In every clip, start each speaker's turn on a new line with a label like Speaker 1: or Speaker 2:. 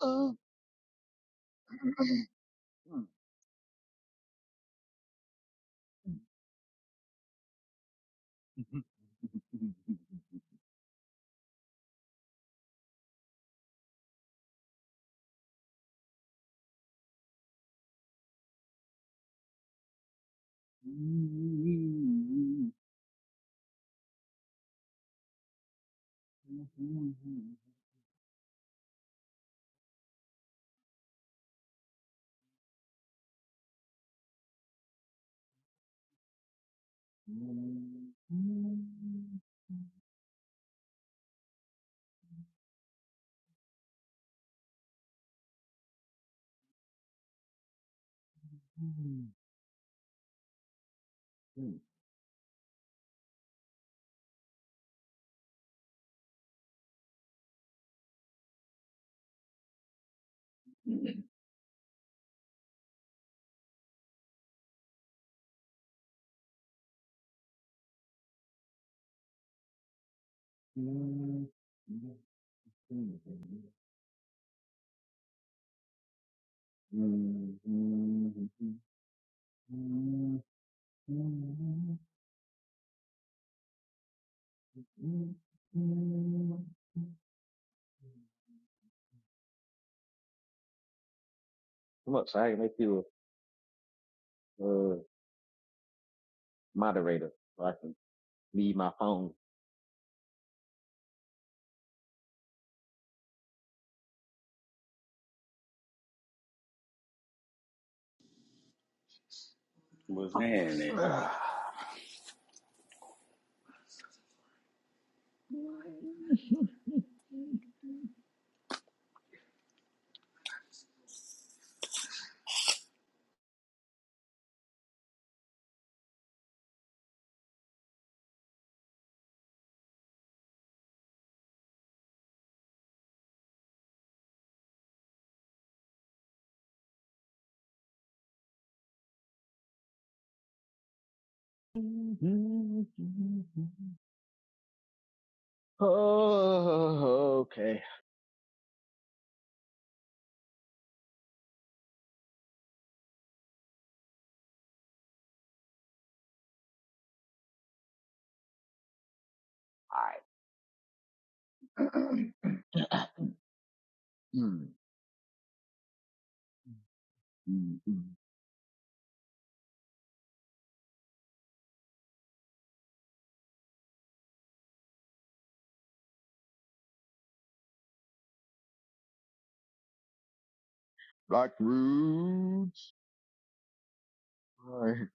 Speaker 1: Oh. Come so I can make you a uh, moderator so I can leave my phone.
Speaker 2: was saying that.
Speaker 1: Oh, okay. Hmm, hmm, hmm. Black Roots. All right.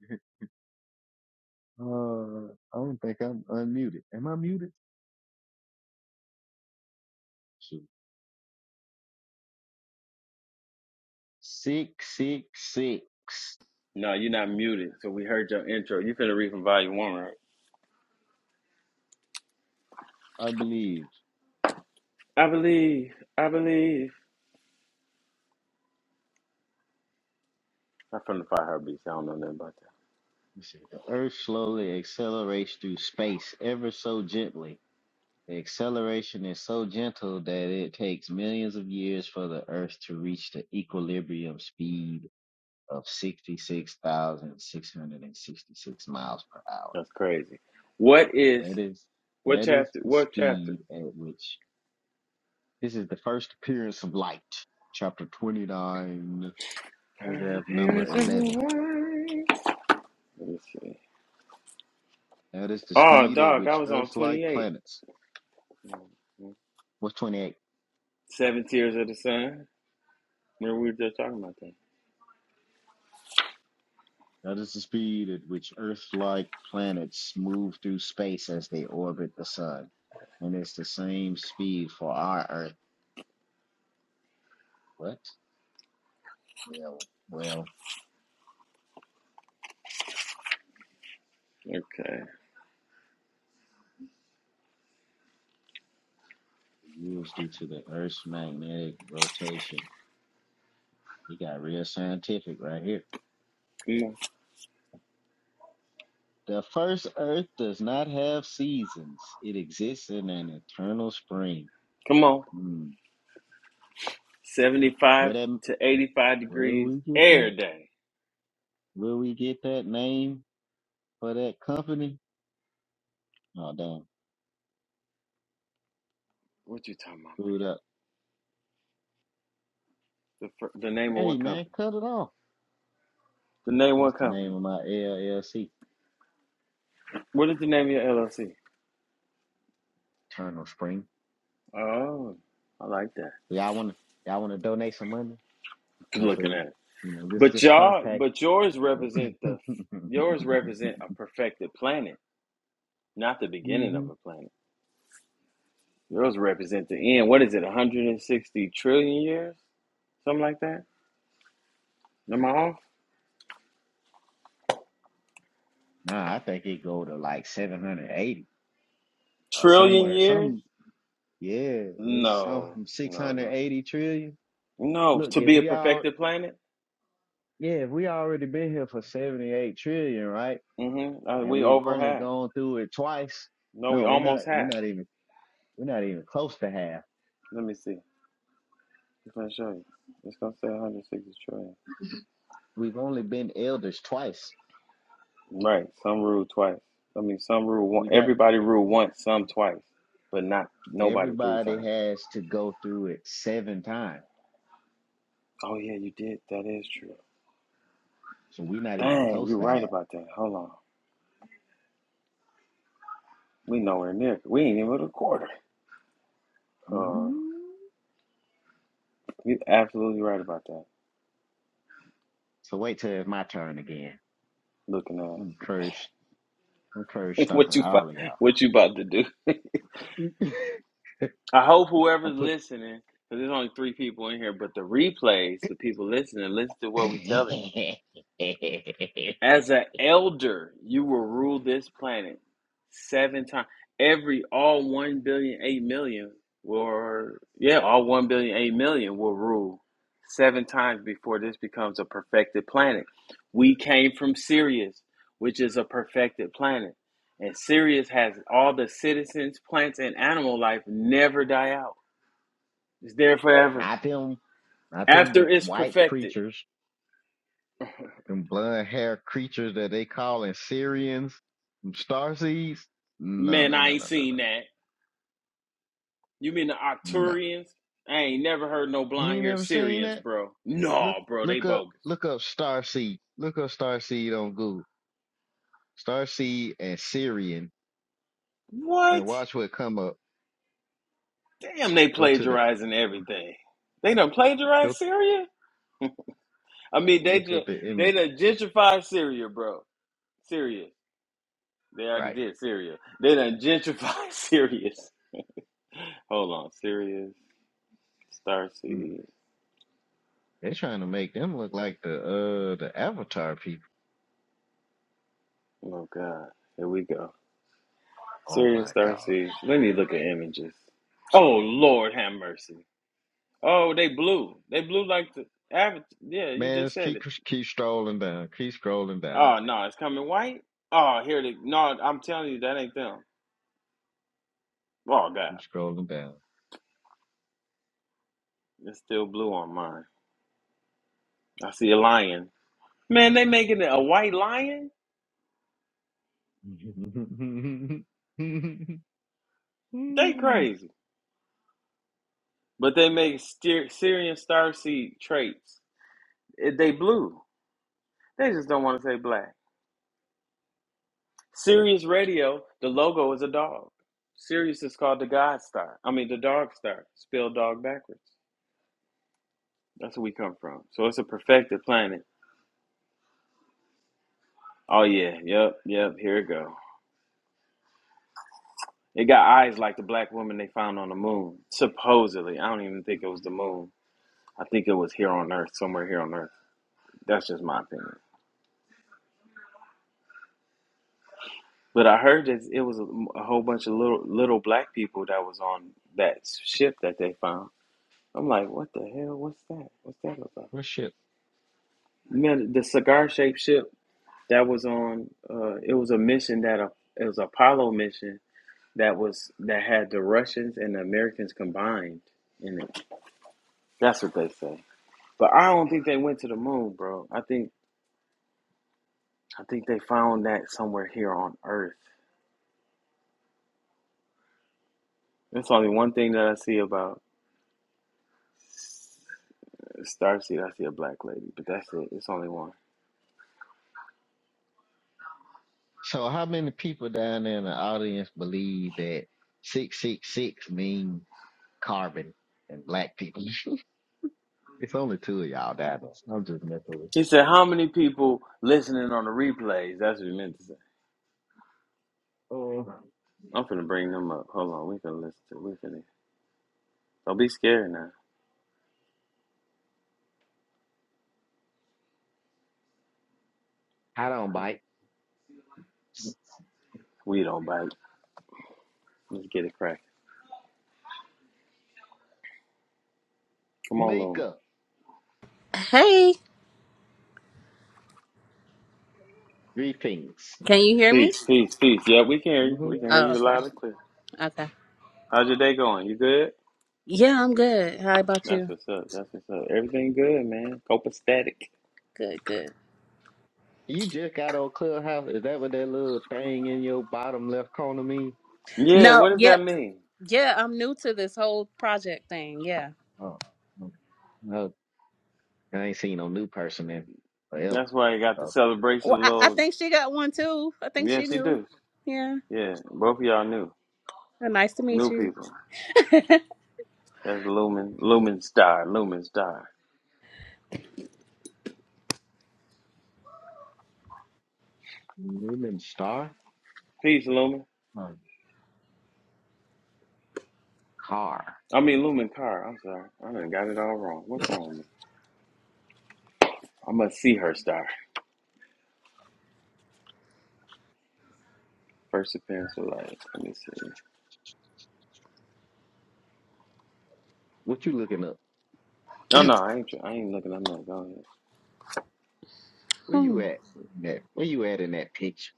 Speaker 1: Uh, I don't think I'm unmuted. Am I muted? Shoot. Six, six, six.
Speaker 2: No, you're not muted. So we heard your intro. You finna read from volume one, right?
Speaker 1: I believe.
Speaker 2: I believe. I believe. I'm finna find her beats. I don't know nothing about that.
Speaker 1: Let's see. The Earth slowly accelerates through space ever so gently. The acceleration is so gentle that it takes millions of years for the Earth to reach the equilibrium speed of 66,666 miles per hour.
Speaker 2: That's crazy. What is
Speaker 1: That is
Speaker 2: what
Speaker 1: that is
Speaker 2: chapter?
Speaker 1: the
Speaker 2: What chapter?
Speaker 1: speed at which this is the first appearance of light. Chapter 29,
Speaker 2: Her
Speaker 1: paragraph
Speaker 2: appearance
Speaker 1: number
Speaker 2: of the
Speaker 1: 11.
Speaker 2: world. Let me see.
Speaker 1: That is the
Speaker 2: Oh,
Speaker 1: speed at
Speaker 2: dog, I
Speaker 1: which
Speaker 2: was on
Speaker 1: Earth-like
Speaker 2: 28.
Speaker 1: planets.
Speaker 2: Mhm.
Speaker 1: What's 28?
Speaker 2: Seven Tears of the Sun. Remember we were just talking about that.
Speaker 1: That is the speed at which Earth-like planets move through space as they orbit the sun, and it's the same speed for our Earth. What? Yeah, well.
Speaker 2: Okay.
Speaker 1: wheels due to the Earth's magnetic rotation. He got real scientific right here.
Speaker 2: Come on.
Speaker 1: The first Earth does not have seasons. It exists in an eternal spring.
Speaker 2: Come on.
Speaker 1: Hmm. Where
Speaker 2: 75
Speaker 1: that?
Speaker 2: to 85
Speaker 1: Where
Speaker 2: degrees
Speaker 1: we get
Speaker 2: air
Speaker 1: that?
Speaker 2: day.
Speaker 1: Where we get that name for that company? Oh damn!
Speaker 2: What you talking about, man?
Speaker 1: Screwed up.
Speaker 2: The the name of
Speaker 1: Hey
Speaker 2: what
Speaker 1: man,
Speaker 2: company?
Speaker 1: cut it off.
Speaker 2: The name of
Speaker 1: That's
Speaker 2: what
Speaker 1: the name
Speaker 2: company?
Speaker 1: of my LLC.
Speaker 2: What is the name of your LLC?
Speaker 1: Eternal Spring.
Speaker 2: Oh, I like that.
Speaker 1: Y'all want to? Y'all want to donate some money? That's what
Speaker 2: Looking
Speaker 1: we-
Speaker 2: at it,
Speaker 1: you know. Just
Speaker 2: but
Speaker 1: just
Speaker 2: y'all,
Speaker 1: contact.
Speaker 2: but yours represent the yours represent a perfected planet, not the beginning of a planet. Yours represent the end. What is it? One hundred and sixty trillion years, something like that. Am I off?
Speaker 1: Nah, I think it go to like 780 or
Speaker 2: Trillion
Speaker 1: somewhere.
Speaker 2: years?
Speaker 1: Some, yeah, it's some
Speaker 2: No, no, no,
Speaker 1: 680 trillion.
Speaker 2: no.
Speaker 1: Look,
Speaker 2: To
Speaker 1: if
Speaker 2: be a
Speaker 1: we all,
Speaker 2: perfected planet,
Speaker 1: yeah, if we already been here for 78 trillion, right?
Speaker 2: mm-hmm. Uh,
Speaker 1: And
Speaker 2: we
Speaker 1: we've
Speaker 2: over
Speaker 1: only
Speaker 2: half.
Speaker 1: gone through it twice.
Speaker 2: No, we
Speaker 1: No, we're not,
Speaker 2: almost
Speaker 1: we're
Speaker 2: half.
Speaker 1: not even, we're not even close to half.
Speaker 2: Let me see. It's gonna show you. It's gonna say 160 trillion.
Speaker 1: We've only been elders twice.
Speaker 2: Right. Some rule twice. I mean, some rule one.
Speaker 1: We got,
Speaker 2: Everybody rule once, some twice, but not nobody three
Speaker 1: everybody
Speaker 2: times.
Speaker 1: has to go through it seven times.
Speaker 2: Oh yeah, you did. That is true.
Speaker 1: So we're not even
Speaker 2: Dang,
Speaker 1: close
Speaker 2: you're
Speaker 1: to
Speaker 2: right
Speaker 1: half.
Speaker 2: about that. Hold on. We nowhere near. We ain't even a quarter. Uh,
Speaker 1: Mhm.
Speaker 2: you are absolutely right about that.
Speaker 1: So wait till it's my turn again.
Speaker 2: Looking
Speaker 1: I'm cursed. I'm curb
Speaker 2: at
Speaker 1: stomping
Speaker 2: what you
Speaker 1: all
Speaker 2: about-
Speaker 1: of y'all.
Speaker 2: what you about to do. I hope
Speaker 1: I'm
Speaker 2: whoever's
Speaker 1: put
Speaker 2: listening, because there's only three people in here, but the replays, the people listening, listen to what we telling you. As an elder, you will rule this planet seven times. Every all one billion eight million will yeah, all one billion eight million will rule seven times before this becomes a perfected planet. We came from Sirius, which is a perfected planet. And Sirius has all the citizens, plants, and animal life never die out. It's there forever.
Speaker 1: not them, not
Speaker 2: After
Speaker 1: them
Speaker 2: it's
Speaker 1: white
Speaker 2: perfected.
Speaker 1: creatures, them blonde hair creatures that they calling Syrians, them starseeds. No,
Speaker 2: Man,
Speaker 1: no, no,
Speaker 2: I
Speaker 1: no,
Speaker 2: ain't
Speaker 1: no, no,
Speaker 2: seen that. You mean the
Speaker 1: no.
Speaker 2: Octurians? I ain't never heard no
Speaker 1: You
Speaker 2: blonde
Speaker 1: ain't
Speaker 2: hair
Speaker 1: never seen
Speaker 2: Syrians,
Speaker 1: that.
Speaker 2: bro.
Speaker 1: Look,
Speaker 2: No, bro, they
Speaker 1: look up,
Speaker 2: bogus.
Speaker 1: look up starseed. Look up starseed on Google. Starseed and Syrian,
Speaker 2: What?
Speaker 1: and watch what come up.
Speaker 2: Damn, they
Speaker 1: Go to the
Speaker 2: plagiarizing everything. They done
Speaker 1: go
Speaker 2: plagiarized Syria? I mean, they
Speaker 1: look at
Speaker 2: just
Speaker 1: the
Speaker 2: they
Speaker 1: images.
Speaker 2: done gentrified Syria, bro. Syria. They already
Speaker 1: Right.
Speaker 2: did Syria. They done gentrified Syria. Hold on, Sirius,
Speaker 1: Mm.
Speaker 2: Starseed.
Speaker 1: They're trying to make them look like the uh the Avatar people.
Speaker 2: Oh God, here we go.
Speaker 1: Oh my
Speaker 2: Sirius
Speaker 1: god,
Speaker 2: Starseed. Let me look at images. Oh Lord, have mercy. Oh, they blue. They blue like the average. Yeah, you
Speaker 1: man!
Speaker 2: just
Speaker 1: Just
Speaker 2: said
Speaker 1: keep
Speaker 2: it.
Speaker 1: keep strolling down, keep scrolling down,
Speaker 2: Oh
Speaker 1: man.
Speaker 2: no, it's coming white. Oh, here they. No, I'm telling you, that ain't them. Oh God,
Speaker 1: Keep scrolling down.
Speaker 2: it's still blue on mine. I see a lion. Man, they making it a white lion. They crazy. But they make steer, Syrian starseed traits. It, they blue. They just don't want to say black. Sirius Radio. The logo is a dog. Sirius is called the God Star. I mean, the Dog Star, spelled dog backwards. That's where we come from. So it's a perfected planet. Oh yeah, yep, yep. Here it go. It got eyes like the black woman they found on the moon. Supposedly, I don't even think it was the moon. I think it was here on Earth, somewhere here on Earth. That's just my opinion. But I heard that it was a, a whole bunch of little little black people that was on that ship that they found. I'm like, what the hell? What's that? What's that about?
Speaker 1: well, shit.
Speaker 2: Man, the cigar shaped ship that was on. Uh, it was a mission that a, it was an Apollo mission that was that had the Russians and the Americans combined in it. That's what they say. But I don't think they went to the moon, bro. I think I think they found that somewhere here on Earth. That's only one thing that I see about Starseed. I see a black lady, but that's it. It's only one.
Speaker 1: So, how many people down there in the audience believe that six six six mean carbon and black people? It's only two of y'all down there. I'm just messing with.
Speaker 2: He said, "How many people listening on the replays?" That's what he meant to say.
Speaker 1: Oh,
Speaker 2: I'm finna bring them up. Hold on, we finna listen. To, we finna. Don't be scared now.
Speaker 1: I don't bite.
Speaker 2: We don't bite. Let's get it cracking. Come on, Lou.
Speaker 1: Mika,
Speaker 3: Hey,
Speaker 1: greetings.
Speaker 3: can you hear me?
Speaker 2: Peace, peace, peace. Yeah, we can hear you. We can hear
Speaker 3: Oh,
Speaker 2: you
Speaker 3: okay.
Speaker 2: loud and clear.
Speaker 3: Okay.
Speaker 2: How's your day going? You good?
Speaker 3: Yeah, I'm good. How about
Speaker 2: That's
Speaker 3: you?
Speaker 2: what's up. That's what's up. Everything good, man. Copacetic.
Speaker 3: Good, good.
Speaker 1: You just got on Clubhouse. Is that what that little thing in your bottom left corner mean?
Speaker 2: Yeah,
Speaker 3: No,
Speaker 2: what does
Speaker 3: yeah,
Speaker 2: that mean?
Speaker 3: yeah, I'm new to this whole project thing. Yeah.
Speaker 1: Oh, okay. no, I ain't seen no new person in forever.
Speaker 2: That's why you got the
Speaker 1: Oh,
Speaker 2: celebration
Speaker 3: Well, I, I
Speaker 2: little.
Speaker 3: think she got one too. I think
Speaker 2: Yeah,
Speaker 3: she
Speaker 2: she
Speaker 3: knew.
Speaker 2: do.
Speaker 3: Yeah.
Speaker 2: Yeah, both of y'all new.
Speaker 3: Well, nice to meet
Speaker 2: New
Speaker 3: you.
Speaker 2: people. That's Lumen. Lumen Star. Lumen Star.
Speaker 1: you been star
Speaker 2: Peace, Lumen.
Speaker 1: or car?
Speaker 2: I mean, Lumen Car. I'm sorry. I done got it all wrong. What's wrong with me? I must see her star. First appearance of life. Let me see.
Speaker 1: What you looking up?
Speaker 2: No, no, I ain't. tr- I ain't looking. I'm not going.
Speaker 1: Where you
Speaker 3: Hmm.
Speaker 1: at? in that- Where you at in that picture?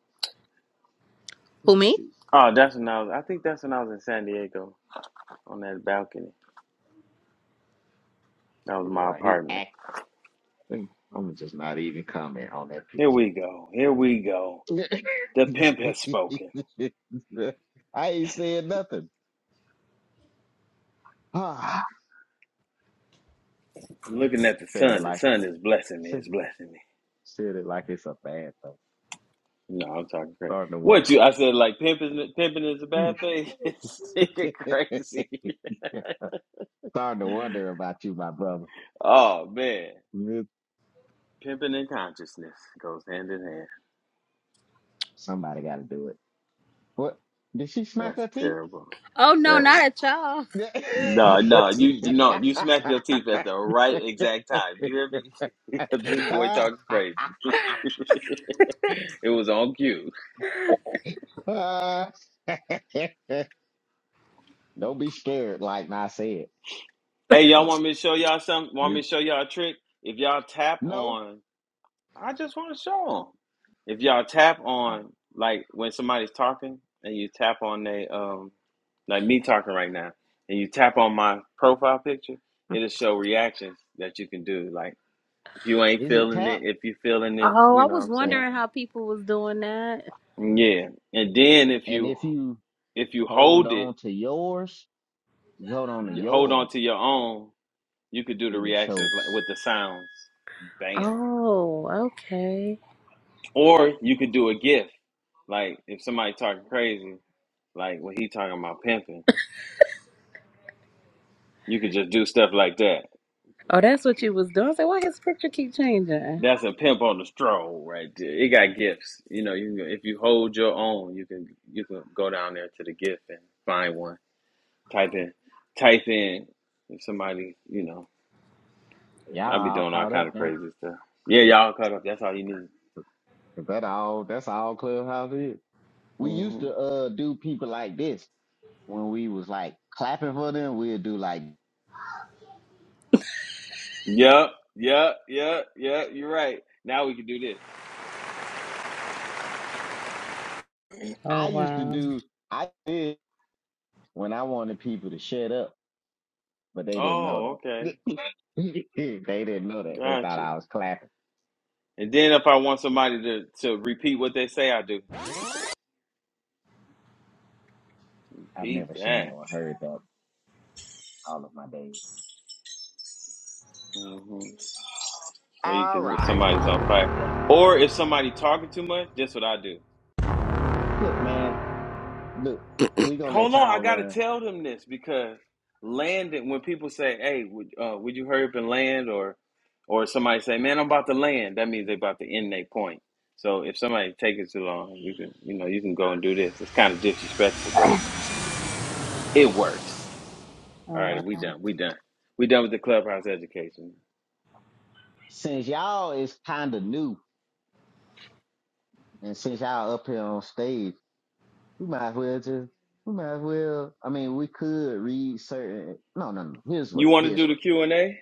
Speaker 1: Let
Speaker 3: Who,
Speaker 1: me
Speaker 3: me?
Speaker 1: see.
Speaker 2: Oh, that's when I was. I think that's when I was in San Diego on that balcony. That
Speaker 1: You
Speaker 2: was
Speaker 1: know,
Speaker 2: my
Speaker 1: I hear
Speaker 2: apartment.
Speaker 1: acting. I'm just not even comment on that
Speaker 2: Here
Speaker 1: picture.
Speaker 2: we go. Here we go. The pimp has spoken.
Speaker 1: I ain't saying nothing. Ah,
Speaker 2: I'm looking at the
Speaker 1: said it
Speaker 2: sun. The
Speaker 1: like
Speaker 2: sun is blessing me. It's blessing me.
Speaker 1: said it like it's a bad thing.
Speaker 2: No, I'm talking crazy.
Speaker 1: Starting to
Speaker 2: What
Speaker 1: wonder.
Speaker 2: you? I said like pimping. Pimping is a bad thing. It's freaking crazy.
Speaker 1: Starting to wonder about you, my brother.
Speaker 2: oh man,
Speaker 1: Yep,
Speaker 2: pimping and consciousness goes hand in hand.
Speaker 1: Somebody got to do it. What? Did she smack
Speaker 2: That's
Speaker 1: her teeth?
Speaker 2: terrible.
Speaker 3: Oh, no,
Speaker 2: That is
Speaker 3: not at y'all.
Speaker 2: No, no, you you know you smack your teeth at the right exact time. You hear me? Because this boy talking crazy. it was on cue.
Speaker 1: Don't be scared, like I said.
Speaker 2: Hey, y'all
Speaker 1: But
Speaker 2: want me to show y'all something? Want
Speaker 1: you
Speaker 2: me to show y'all a trick? If y'all tap
Speaker 1: no,
Speaker 2: on, I just want to show them. If y'all tap
Speaker 1: uh,
Speaker 2: on, like when somebody's talking and you tap on they um, like me talking right now, and you tap on my profile picture, it'll show reactions that you can do. Like if you ain't
Speaker 1: is it
Speaker 2: feeling it,
Speaker 1: tap?
Speaker 2: if you feeling it,
Speaker 3: Oh,
Speaker 2: you
Speaker 3: I
Speaker 2: know what
Speaker 3: was
Speaker 2: I'm
Speaker 1: Yeah.
Speaker 2: saying.
Speaker 3: wondering how people was doing that.
Speaker 2: Yeah, and then if
Speaker 1: And
Speaker 2: you
Speaker 1: if you
Speaker 2: if you
Speaker 1: hold
Speaker 2: hold it,
Speaker 1: on to yours, you hold on to
Speaker 2: you hold on
Speaker 1: yours,
Speaker 2: to your own, you could do the
Speaker 1: it'll
Speaker 2: reactions
Speaker 1: show.
Speaker 2: like
Speaker 1: s-
Speaker 2: with the sounds. Damn.
Speaker 3: Oh, okay.
Speaker 2: Or you could do a gif. Like if somebody talking crazy, like when he talking about pimping, you could just do stuff like that.
Speaker 3: Oh, that's what you was doing. I said, why his picture keep changing?
Speaker 2: That's a pimp on the stroll right there. It got gifts. You know, you can, if you hold your own, you can you can go down there to the gift and find one. Type in, type in if somebody you know
Speaker 1: Y'all
Speaker 2: I be
Speaker 1: all
Speaker 2: doing all
Speaker 1: caught
Speaker 2: kind
Speaker 1: up
Speaker 2: of
Speaker 1: now.
Speaker 2: crazy stuff. Yeah, y'all cut up. That's all you need.
Speaker 1: 'Cause That all. That's all clubhouse is. we used
Speaker 2: hmm
Speaker 1: to uh do people like this when we was like clapping for them. We'd do like
Speaker 2: Yep, yep, yep, yep. You're right. Now we can do this.
Speaker 3: Oh,
Speaker 1: I used to
Speaker 3: wow.
Speaker 1: do. I did when I wanted people to shut up, but they didn't
Speaker 2: Oh,
Speaker 1: know
Speaker 2: okay,
Speaker 1: that. they didn't know that. They
Speaker 2: got
Speaker 1: thought
Speaker 2: you.
Speaker 1: I was clapping.
Speaker 2: And then if I want somebody to, to repeat what they say, I do
Speaker 1: I've
Speaker 2: repeat
Speaker 1: never seen
Speaker 2: that.
Speaker 1: or heard that all of my days.
Speaker 2: hmm Well, you
Speaker 1: All
Speaker 2: can if
Speaker 1: right,
Speaker 2: somebody's
Speaker 1: all
Speaker 2: on
Speaker 1: right. Look,
Speaker 2: fire, or if somebody talking too much, that's what I do.
Speaker 1: look, man. Look, we gonna
Speaker 2: Hold
Speaker 1: let
Speaker 2: on, I
Speaker 1: y'all
Speaker 2: gotta
Speaker 1: run
Speaker 2: tell them this because landing. When people say, "Hey, would uh, would you hurry up and land?" or or somebody say, "Man, I'm about to land," that means they're about to end their point. So if somebody taking too long, you can you know you can go and do this. It's kind of disrespectful, but it works. All
Speaker 3: Oh,
Speaker 2: right, we
Speaker 3: wow.
Speaker 2: done. We done. We done with the clubhouse education.
Speaker 1: since y'all is kind of new and since y'all up here on stage. We might as well just, we might as well, I mean, we could read certain, no, no, no. Here's
Speaker 2: You
Speaker 1: what,
Speaker 2: want to
Speaker 1: here's
Speaker 2: do the
Speaker 1: what.
Speaker 2: Q and A?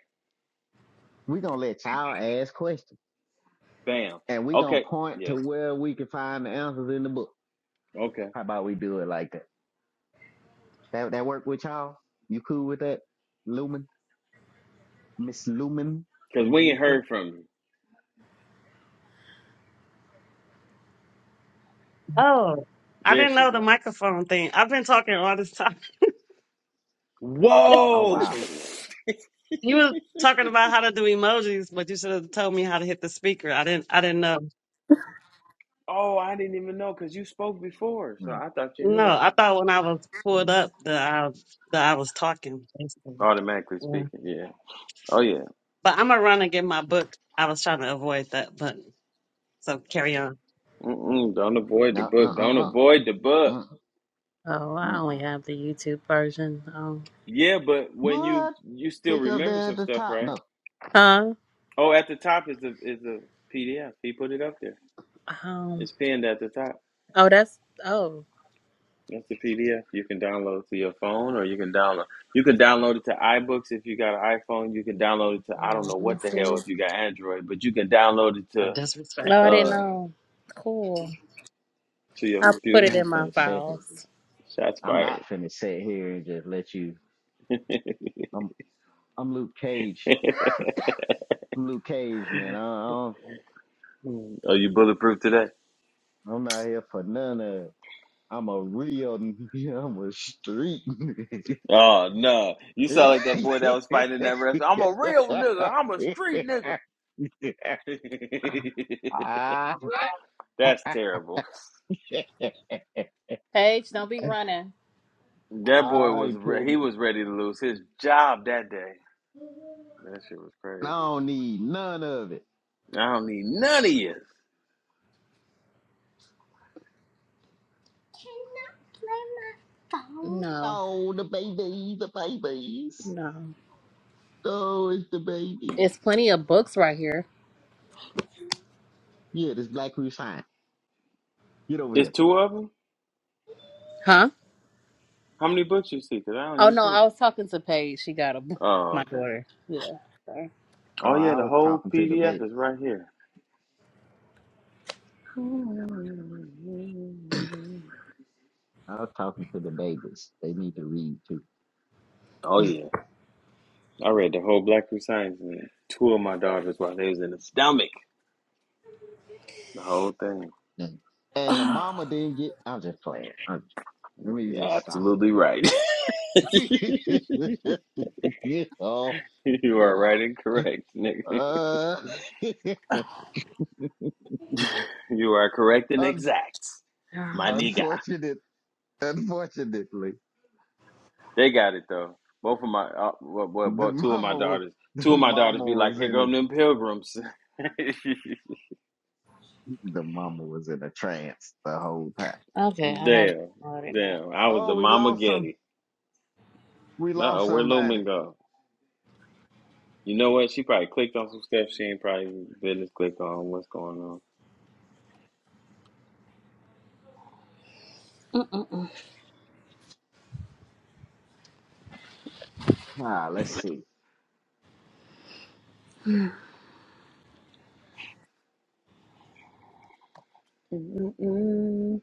Speaker 1: we going to let y'all ask questions
Speaker 2: Bam.
Speaker 1: and we going
Speaker 2: Okay.
Speaker 1: to point to
Speaker 2: Yeah.
Speaker 1: where we can find the answers in the book.
Speaker 2: Okay.
Speaker 1: How about we do it like that? That, that work with y'all? You cool with that? Lumen, Miss Lumen
Speaker 2: Cause
Speaker 1: and
Speaker 2: we ain't
Speaker 1: Mika?
Speaker 2: heard from you.
Speaker 4: Oh, I
Speaker 2: There
Speaker 4: didn't
Speaker 2: she
Speaker 4: know the
Speaker 2: go.
Speaker 4: microphone thing. I've been talking all this time.
Speaker 1: Oh,
Speaker 2: Whoa.
Speaker 1: wow.
Speaker 4: You were talking about how to do emojis, but you should have told me how to hit the speaker. I didn't. I didn't know.
Speaker 2: Oh, I didn't even know because you spoke before, so
Speaker 1: Mm,
Speaker 2: I thought you knew
Speaker 4: No,
Speaker 2: that
Speaker 4: I
Speaker 2: part.
Speaker 4: thought when I was pulled
Speaker 1: mm.
Speaker 4: up that I that I was talking. Basically.
Speaker 2: Automatically
Speaker 4: Yeah.
Speaker 2: speaking, yeah. Oh yeah.
Speaker 4: But I'm gonna run and get my book. I was trying to avoid that, but so carry on.
Speaker 2: Mm-mm, don't avoid the
Speaker 1: No, no,
Speaker 2: book. Don't
Speaker 1: uh, uh,
Speaker 2: avoid the book.
Speaker 1: uh,
Speaker 3: Oh,
Speaker 1: uh.
Speaker 3: I
Speaker 1: uh.
Speaker 3: only have the YouTube version. Um,
Speaker 2: Yeah, but when you
Speaker 1: What?
Speaker 2: you still
Speaker 1: Click up
Speaker 2: remember
Speaker 1: there at
Speaker 2: some
Speaker 1: the
Speaker 2: stuff,
Speaker 1: top.
Speaker 2: right?
Speaker 1: No,
Speaker 3: huh?
Speaker 2: Oh, at the top is the is the PDF. He put it up there.
Speaker 3: Um,
Speaker 2: It's pinned at the top.
Speaker 3: oh, that's oh.
Speaker 2: That's the PDF. You can download to your phone, or you can download. You can download it to iBooks if you got an iPhone. You can download it to
Speaker 3: Oh,
Speaker 2: I don't know
Speaker 3: let me
Speaker 2: what the
Speaker 3: see.
Speaker 2: hell if you got Android, but you can download it
Speaker 4: But
Speaker 2: to
Speaker 4: disrespect.
Speaker 3: Oh, I didn't
Speaker 2: uh
Speaker 3: know. Cool.
Speaker 2: to your
Speaker 3: I put
Speaker 2: computer.
Speaker 3: it
Speaker 1: I ain't
Speaker 3: in my
Speaker 1: finna sit here.
Speaker 3: files.
Speaker 2: Shots
Speaker 1: I'm not
Speaker 2: fired.
Speaker 1: finna sit here and just let you,
Speaker 2: Are
Speaker 1: I'm, I'm Luke Cage Luke Cage, man. I, I don't,
Speaker 2: you bulletproof today?
Speaker 1: I'm not here for none of it. I'm a real, I'm a street. nigga.
Speaker 2: Oh no! You sound like that boy that was fighting in that restaurant. I'm a real
Speaker 1: I,
Speaker 2: nigga. I'm a street nigga. That's terrible.
Speaker 3: Paige, don't be running.
Speaker 2: That boy
Speaker 1: I
Speaker 2: was
Speaker 1: ain't
Speaker 2: re-
Speaker 1: putting
Speaker 2: he
Speaker 1: it.
Speaker 2: was ready to lose his job that day. That shit was
Speaker 1: I
Speaker 2: crazy.
Speaker 1: don't need none of it.
Speaker 2: I don't need none of you.
Speaker 3: No,
Speaker 1: Oh, the babies, the babies.
Speaker 3: no.
Speaker 1: Oh, it's the babies.
Speaker 3: It's plenty of books right here.
Speaker 1: Yeah, this black we fine. Get over
Speaker 2: It's
Speaker 1: here.
Speaker 2: two of them.
Speaker 3: Huh?
Speaker 2: How many books you see? Cause I don't
Speaker 3: Oh
Speaker 2: even
Speaker 3: no,
Speaker 2: see.
Speaker 3: I
Speaker 2: it.
Speaker 3: was talking to Paige. She got a book.
Speaker 2: Oh
Speaker 3: My
Speaker 2: okay.
Speaker 3: daughter. Yeah. sorry.
Speaker 2: Oh
Speaker 1: Oh,
Speaker 2: yeah,
Speaker 1: I
Speaker 2: the
Speaker 1: was
Speaker 2: whole
Speaker 1: talking to the
Speaker 2: PDF
Speaker 1: baby.
Speaker 2: is right here.
Speaker 1: I was talking to the babies. They need to read too.
Speaker 2: Oh yeah. I read the whole Black Root Science and two of my daughters while they was in the stomach. The whole thing.
Speaker 1: And and the mama didn't get. I'm just playing. I'm, just,
Speaker 2: I'm
Speaker 1: let
Speaker 2: like,
Speaker 1: me
Speaker 2: You're
Speaker 1: just stop.
Speaker 2: absolutely right. you are
Speaker 1: Oh,
Speaker 2: right and
Speaker 1: know,
Speaker 2: correct, nigga.
Speaker 1: uh,
Speaker 2: You are correct and
Speaker 1: un,
Speaker 2: exact, my
Speaker 3: Um,
Speaker 2: nigga.
Speaker 1: unfortunate, unfortunately,
Speaker 2: They got it though. Both of my, uh, well, well,
Speaker 1: the
Speaker 2: both two of my
Speaker 1: mama was
Speaker 2: daughters, two
Speaker 1: the
Speaker 2: of my daughters
Speaker 1: mama
Speaker 2: be like,
Speaker 1: was
Speaker 2: "Here
Speaker 1: in a
Speaker 2: come them pilgrims."
Speaker 1: the mama was in a trance the whole time.
Speaker 3: okay, I
Speaker 2: damn,
Speaker 3: have it
Speaker 2: damn. I was
Speaker 1: Oh,
Speaker 2: the
Speaker 1: we
Speaker 2: mama
Speaker 1: lost some.
Speaker 2: Getty.
Speaker 1: We
Speaker 2: Uh
Speaker 1: lost
Speaker 2: oh, where
Speaker 1: somebody.
Speaker 2: Lumen go? You know what? She probably clicked on some stuff she ain't probably business click on. What's going on?
Speaker 3: now.
Speaker 1: Ah, let's see.
Speaker 2: Mm-mm-mm.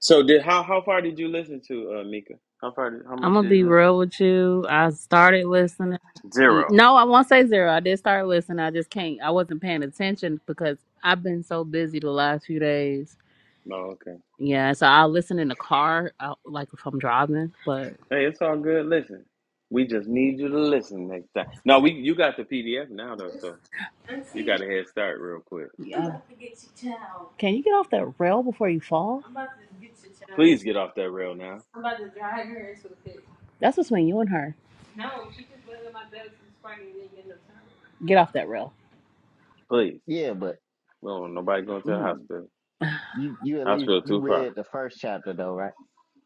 Speaker 2: So did how how far did you listen to uh, Mika? How far? Did, how
Speaker 3: I'm
Speaker 2: much
Speaker 3: gonna
Speaker 2: did you
Speaker 3: be
Speaker 2: listen?
Speaker 3: real with you. I started listening.
Speaker 2: Zero.
Speaker 3: No, I won't say zero. I did start listening. I just can't. I wasn't paying attention because I've been so busy the last few days.
Speaker 2: No, okay.
Speaker 3: Yeah, so I'll listen in the car, uh, like if I'm driving. But
Speaker 2: Hey, it's all good. Listen, we just need you to listen next time. No, we you got the PDF now though, so
Speaker 3: yeah.
Speaker 2: you got a head start real quick.
Speaker 3: can you get off that rail before you fall?
Speaker 2: Please get off that rail now,
Speaker 3: That's between you and her. Get off that rail.
Speaker 2: please.
Speaker 1: Yeah, but
Speaker 2: We don't want nobody going to the
Speaker 1: mm,
Speaker 2: hospital.
Speaker 1: you you at least
Speaker 2: Hospital
Speaker 1: you
Speaker 2: too far.
Speaker 1: read the first chapter though, right?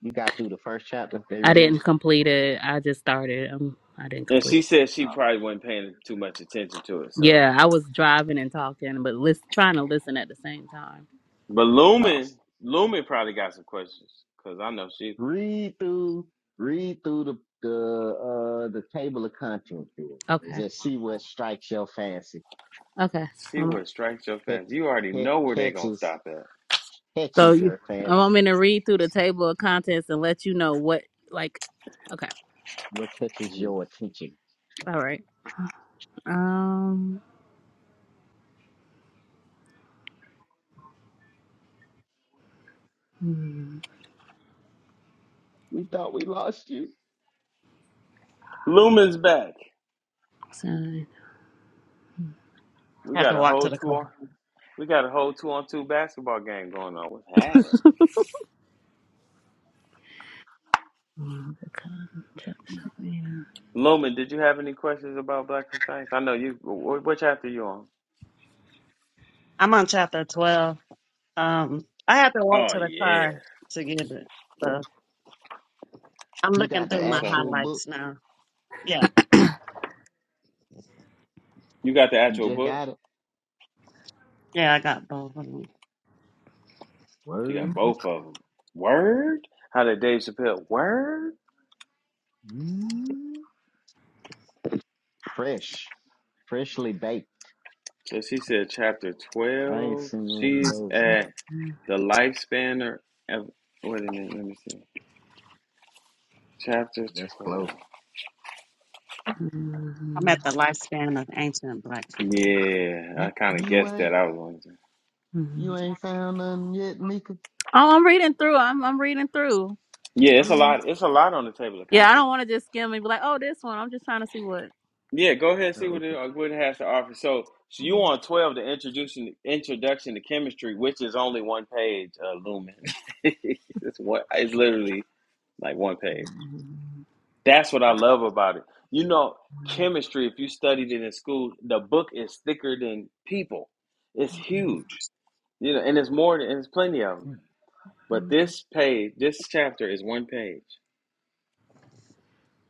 Speaker 1: You got through the first chapter. They
Speaker 3: I
Speaker 1: read
Speaker 3: didn't
Speaker 1: it.
Speaker 3: complete it. I just started. Um, I didn't
Speaker 2: And
Speaker 3: complete.
Speaker 2: she said she probably wasn't paying too much attention to it, so
Speaker 3: Yeah, I was driving and talking, but listen, trying to listen at the same time.
Speaker 2: But
Speaker 1: Uh,
Speaker 2: Lumen, Lumen probably got some questions because I know she
Speaker 1: read through, read through the the uh the table of contents here and
Speaker 3: Okay.
Speaker 1: just see what strikes your fancy,
Speaker 3: Okay.
Speaker 2: she
Speaker 3: Um,
Speaker 2: would strike your
Speaker 1: catch,
Speaker 2: fans. You already
Speaker 1: catch,
Speaker 2: know where they gonna
Speaker 1: catches
Speaker 2: stop at.
Speaker 3: so
Speaker 1: catches
Speaker 3: you,
Speaker 1: your
Speaker 3: I
Speaker 1: fancy,
Speaker 3: want me to read through the table of contents and let you know what, like, okay.
Speaker 1: what catches
Speaker 2: Mhm.
Speaker 1: your attention.
Speaker 3: All right. Um, hmm,
Speaker 1: We thought we lost you.
Speaker 2: Lumen's back.
Speaker 3: sign.
Speaker 2: We
Speaker 4: Had
Speaker 2: got
Speaker 4: to
Speaker 2: a
Speaker 4: walk
Speaker 2: whole
Speaker 4: to the
Speaker 2: two
Speaker 4: car.
Speaker 2: on we got a whole two on two basketball game going on. What's happening?
Speaker 3: Hmm, the contents,
Speaker 1: Mm.
Speaker 3: yeah,
Speaker 2: Lumen, did you have any questions about Black Science? I know you. wh- What chapter you on?
Speaker 4: I'm on chapter twelve. Um, I had to walk
Speaker 2: Oh
Speaker 4: to the
Speaker 2: yeah,
Speaker 4: car to get it. So I'm
Speaker 1: You
Speaker 4: looking
Speaker 1: got the
Speaker 4: through
Speaker 2: no
Speaker 4: my
Speaker 1: actual
Speaker 2: something.
Speaker 1: book.
Speaker 4: highlights now. Yeah.
Speaker 2: You got the
Speaker 1: You
Speaker 2: actual
Speaker 1: just
Speaker 2: book.
Speaker 1: got it.
Speaker 4: Yeah, I got both of them.
Speaker 2: She got
Speaker 1: Word.
Speaker 2: both of them. Word. How did Dave Chappelle? Word.
Speaker 1: Mm. Fresh. Freshly baked.
Speaker 2: So she said chapter
Speaker 1: I ain't
Speaker 2: twelve.
Speaker 1: seen one of
Speaker 2: She's
Speaker 1: those.
Speaker 2: at The lifespan of wait a minute, let me see. Chapter
Speaker 1: That's
Speaker 2: twelve.
Speaker 1: close.
Speaker 4: I'm
Speaker 3: mhm,
Speaker 4: at the lifespan of ancient black people.
Speaker 2: Yeah,
Speaker 1: You,
Speaker 2: I kind of
Speaker 1: you
Speaker 2: guessed that.
Speaker 1: ain't,
Speaker 2: I was going to.
Speaker 1: you
Speaker 3: mhm.
Speaker 1: ain't found nothing yet, Mika?
Speaker 3: Oh, I'm reading through. I'm I'm reading through.
Speaker 2: Yeah, it's a
Speaker 3: Um,
Speaker 2: lot. It's a lot on the table of
Speaker 3: yeah, I
Speaker 2: content.
Speaker 3: don't want to just skim and be like, oh, this one. I'm just trying to see what.
Speaker 2: Yeah, go ahead and
Speaker 1: Oh,
Speaker 2: see what it,
Speaker 1: okay.
Speaker 2: uh, what it has to offer. So, so you on twelve the introduction introduction to chemistry, which is only one page. Uh, Lumen. it's one. It's literally like one page. That's what I
Speaker 4: I
Speaker 2: love about it. You know, chemistry. If you studied it in school, the book is thicker than people. It's huge You know, and it's more than, and it's plenty of them.
Speaker 1: Hmm.
Speaker 2: But this page, this chapter is one page.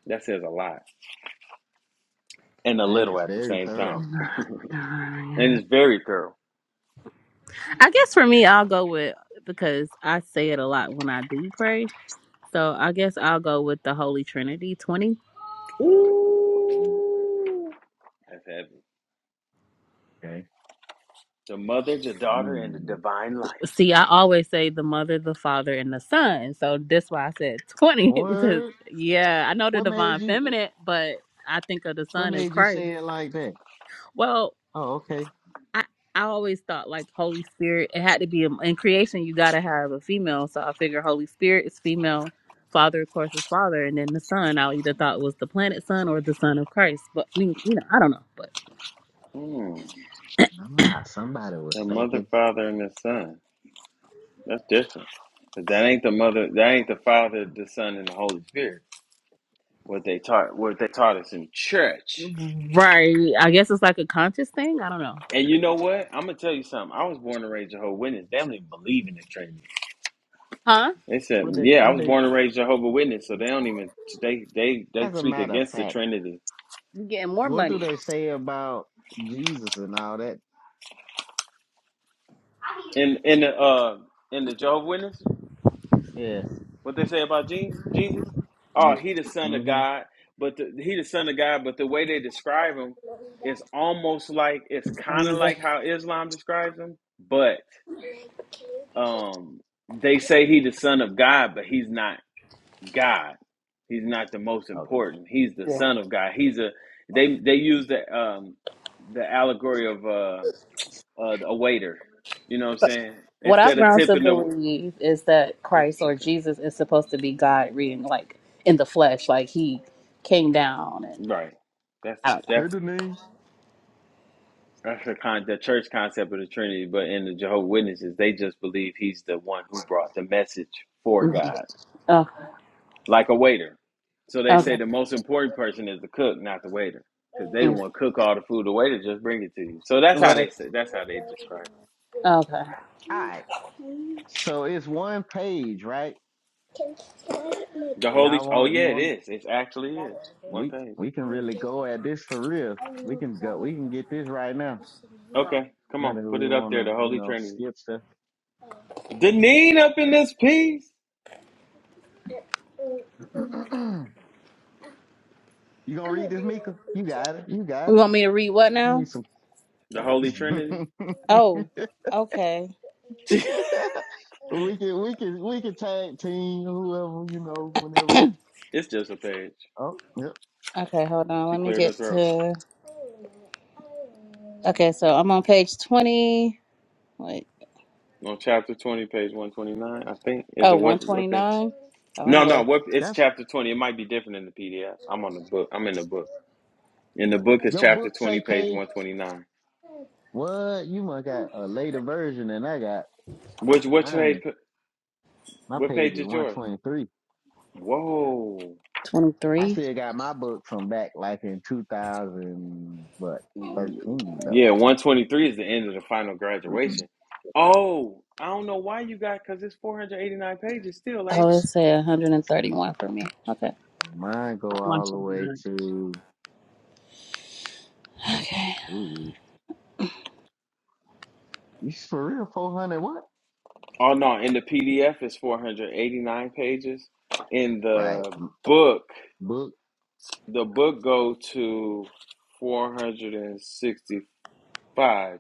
Speaker 2: That says a lot and a
Speaker 1: And
Speaker 2: little
Speaker 1: it's
Speaker 2: at the
Speaker 1: very
Speaker 2: same
Speaker 1: thorough.
Speaker 2: time.
Speaker 3: Mhm.
Speaker 2: And it's very thorough.
Speaker 3: I guess for me, I'll go with because I say it a lot when I do pray. So I guess I'll go with the Holy Trinity 20.
Speaker 2: Ooh, that's heavy.
Speaker 1: Okay.
Speaker 2: The mother, the daughter, and the
Speaker 1: Mm.
Speaker 2: divine life.
Speaker 3: See, I always say the Mother, the Father, and the Son. So that's why I said 20 because,
Speaker 1: Word.
Speaker 3: yeah, I know the
Speaker 1: What made
Speaker 3: divine
Speaker 1: you
Speaker 3: feminine, but I think of the
Speaker 1: what
Speaker 3: Son as
Speaker 1: made you say
Speaker 3: Christ.
Speaker 1: it like that?
Speaker 3: Well,
Speaker 1: Oh, okay.
Speaker 3: I I always thought like Holy Spirit. It had to be a, in creation. You gotta have a female. So I figure Holy Spirit is female. Father, of course, is Father, and then the Son. I either thought was the planet Son or the Son of Christ. But I mean, you know, I don't know. But
Speaker 2: Hmm.
Speaker 1: Ah, somebody was
Speaker 2: The mother,
Speaker 1: thinking.
Speaker 2: father, and the son. That's different, different. 'Cause that ain't the mother, that ain't the father, the son, and the Holy Spirit. What they taught, what they taught us in church.
Speaker 3: right, I guess it's like a conscious thing. I don't know. But
Speaker 2: And you know what? I'm gonna tell you something. I was born and raised Jehovah's Witness. They don't even believe in the Trinity.
Speaker 3: huh?
Speaker 2: They said,
Speaker 1: What they
Speaker 2: "Yeah, I
Speaker 1: what
Speaker 2: was
Speaker 1: they
Speaker 2: born and raised Jehovah Witness, so they don't even they they they
Speaker 1: as a
Speaker 2: speak
Speaker 1: matter of
Speaker 2: against the
Speaker 1: fact,
Speaker 2: Trinity."
Speaker 3: You're getting more
Speaker 1: what do
Speaker 3: money.
Speaker 1: they say about Jesus and all that?
Speaker 2: In in the uh in the Jehovah Witness,
Speaker 1: Yeah.
Speaker 2: what they say about Jesus? Jesus, oh,
Speaker 1: Mm.
Speaker 2: he the Son of
Speaker 1: hmm
Speaker 2: God, but the, he the Son of God, but the way they describe him is almost like it's kind of like how Islam describes him, but um they say he the Son of God, but he's not God. He's not the most
Speaker 1: Okay.
Speaker 2: important. He's the Son of God. He's a they they use the um the allegory of uh, uh a waiter. You know what I'm saying?
Speaker 3: What I've
Speaker 2: Instead of
Speaker 3: grown to
Speaker 2: tipping the
Speaker 3: believe is that
Speaker 2: what's
Speaker 3: Christ or
Speaker 2: okay
Speaker 3: Jesus is supposed to be God, reading like in the flesh, like He came down, and
Speaker 2: right. That's the
Speaker 3: I don't
Speaker 1: Hey
Speaker 2: that's
Speaker 1: the name.
Speaker 2: that's the con the church concept of the Trinity. But in the Jehovah Witnesses, they just believe he's the one who brought the message for
Speaker 3: know. Mhm.
Speaker 2: God
Speaker 3: Okay.
Speaker 2: like a waiter. So they say
Speaker 3: Okay.
Speaker 2: the most important person is the cook, not the waiter, because they do the
Speaker 3: Mm.
Speaker 2: one cook all the food. The waiter just bring it to you. So that's how
Speaker 3: Right.
Speaker 2: they say. That's how they describe it.
Speaker 3: Okay.
Speaker 1: All right. So it's one page, right?
Speaker 2: The Holy.
Speaker 1: Y'all
Speaker 2: Oh
Speaker 1: want you
Speaker 2: yeah, it
Speaker 1: want
Speaker 2: is. It actually is one
Speaker 1: we
Speaker 2: page.
Speaker 1: we can really go at this for real. We can go we can get this right now.
Speaker 2: Okay, come
Speaker 1: Now
Speaker 2: on,
Speaker 1: that
Speaker 2: put
Speaker 1: we
Speaker 2: it up
Speaker 1: want
Speaker 2: there. The
Speaker 1: to, you
Speaker 2: Holy
Speaker 1: know,
Speaker 2: Trinity.
Speaker 1: skip stuff.
Speaker 2: Deneen up in this piece.
Speaker 1: you gonna read this, Mika? You got it. You
Speaker 3: You
Speaker 1: got it.
Speaker 3: want me to read what
Speaker 1: I
Speaker 3: now?
Speaker 1: need some.
Speaker 2: The Holy Trinity.
Speaker 3: Oh, okay.
Speaker 1: we can, we can, we can tag team whoever you know, whenever.
Speaker 2: it's just a page.
Speaker 1: Oh, yep.
Speaker 3: Okay, hold on.
Speaker 2: She
Speaker 3: Let me
Speaker 2: cleared her
Speaker 3: get
Speaker 2: throat
Speaker 3: to. Okay, so I'm on page 20. Wait.
Speaker 2: on chapter twenty, page one twenty nine. I think is it
Speaker 3: oh, one
Speaker 2: what
Speaker 3: twenty
Speaker 2: what page?
Speaker 3: nine. 129. Oh, I'm
Speaker 2: No, no.
Speaker 3: way
Speaker 2: What it's
Speaker 1: That's
Speaker 2: chapter twenty. It might be different in the PDF. I'm on the book. I'm in the book. In the book is
Speaker 1: your
Speaker 2: chapter
Speaker 1: book. Say
Speaker 2: 20, page
Speaker 1: page.
Speaker 2: 129.
Speaker 1: What you must got a later version than I got.
Speaker 2: Which which
Speaker 1: I
Speaker 2: page
Speaker 1: know my
Speaker 2: what
Speaker 1: page
Speaker 2: page
Speaker 1: is
Speaker 2: is
Speaker 1: one
Speaker 2: yours?
Speaker 1: twenty three.
Speaker 2: Whoa.
Speaker 1: I
Speaker 3: 23.
Speaker 1: still got my book from back like in two thousand, what thirteen
Speaker 2: Yeah, 123 is the end of the final
Speaker 1: though.
Speaker 2: graduation. Oh, I don't know why you got because it's 489 pages still, ain't
Speaker 3: Oh,
Speaker 2: it?
Speaker 3: it said 131 for me. Okay.
Speaker 1: Mine
Speaker 4: I
Speaker 1: go all
Speaker 4: want
Speaker 1: the
Speaker 4: you to
Speaker 1: way
Speaker 4: know.
Speaker 1: to.
Speaker 3: Okay.
Speaker 1: ooh, You for real? Four hundred what?
Speaker 2: Oh no, in the PDF is 489 pages. In
Speaker 1: Right.
Speaker 2: the book,
Speaker 1: Book.
Speaker 2: the book go to 465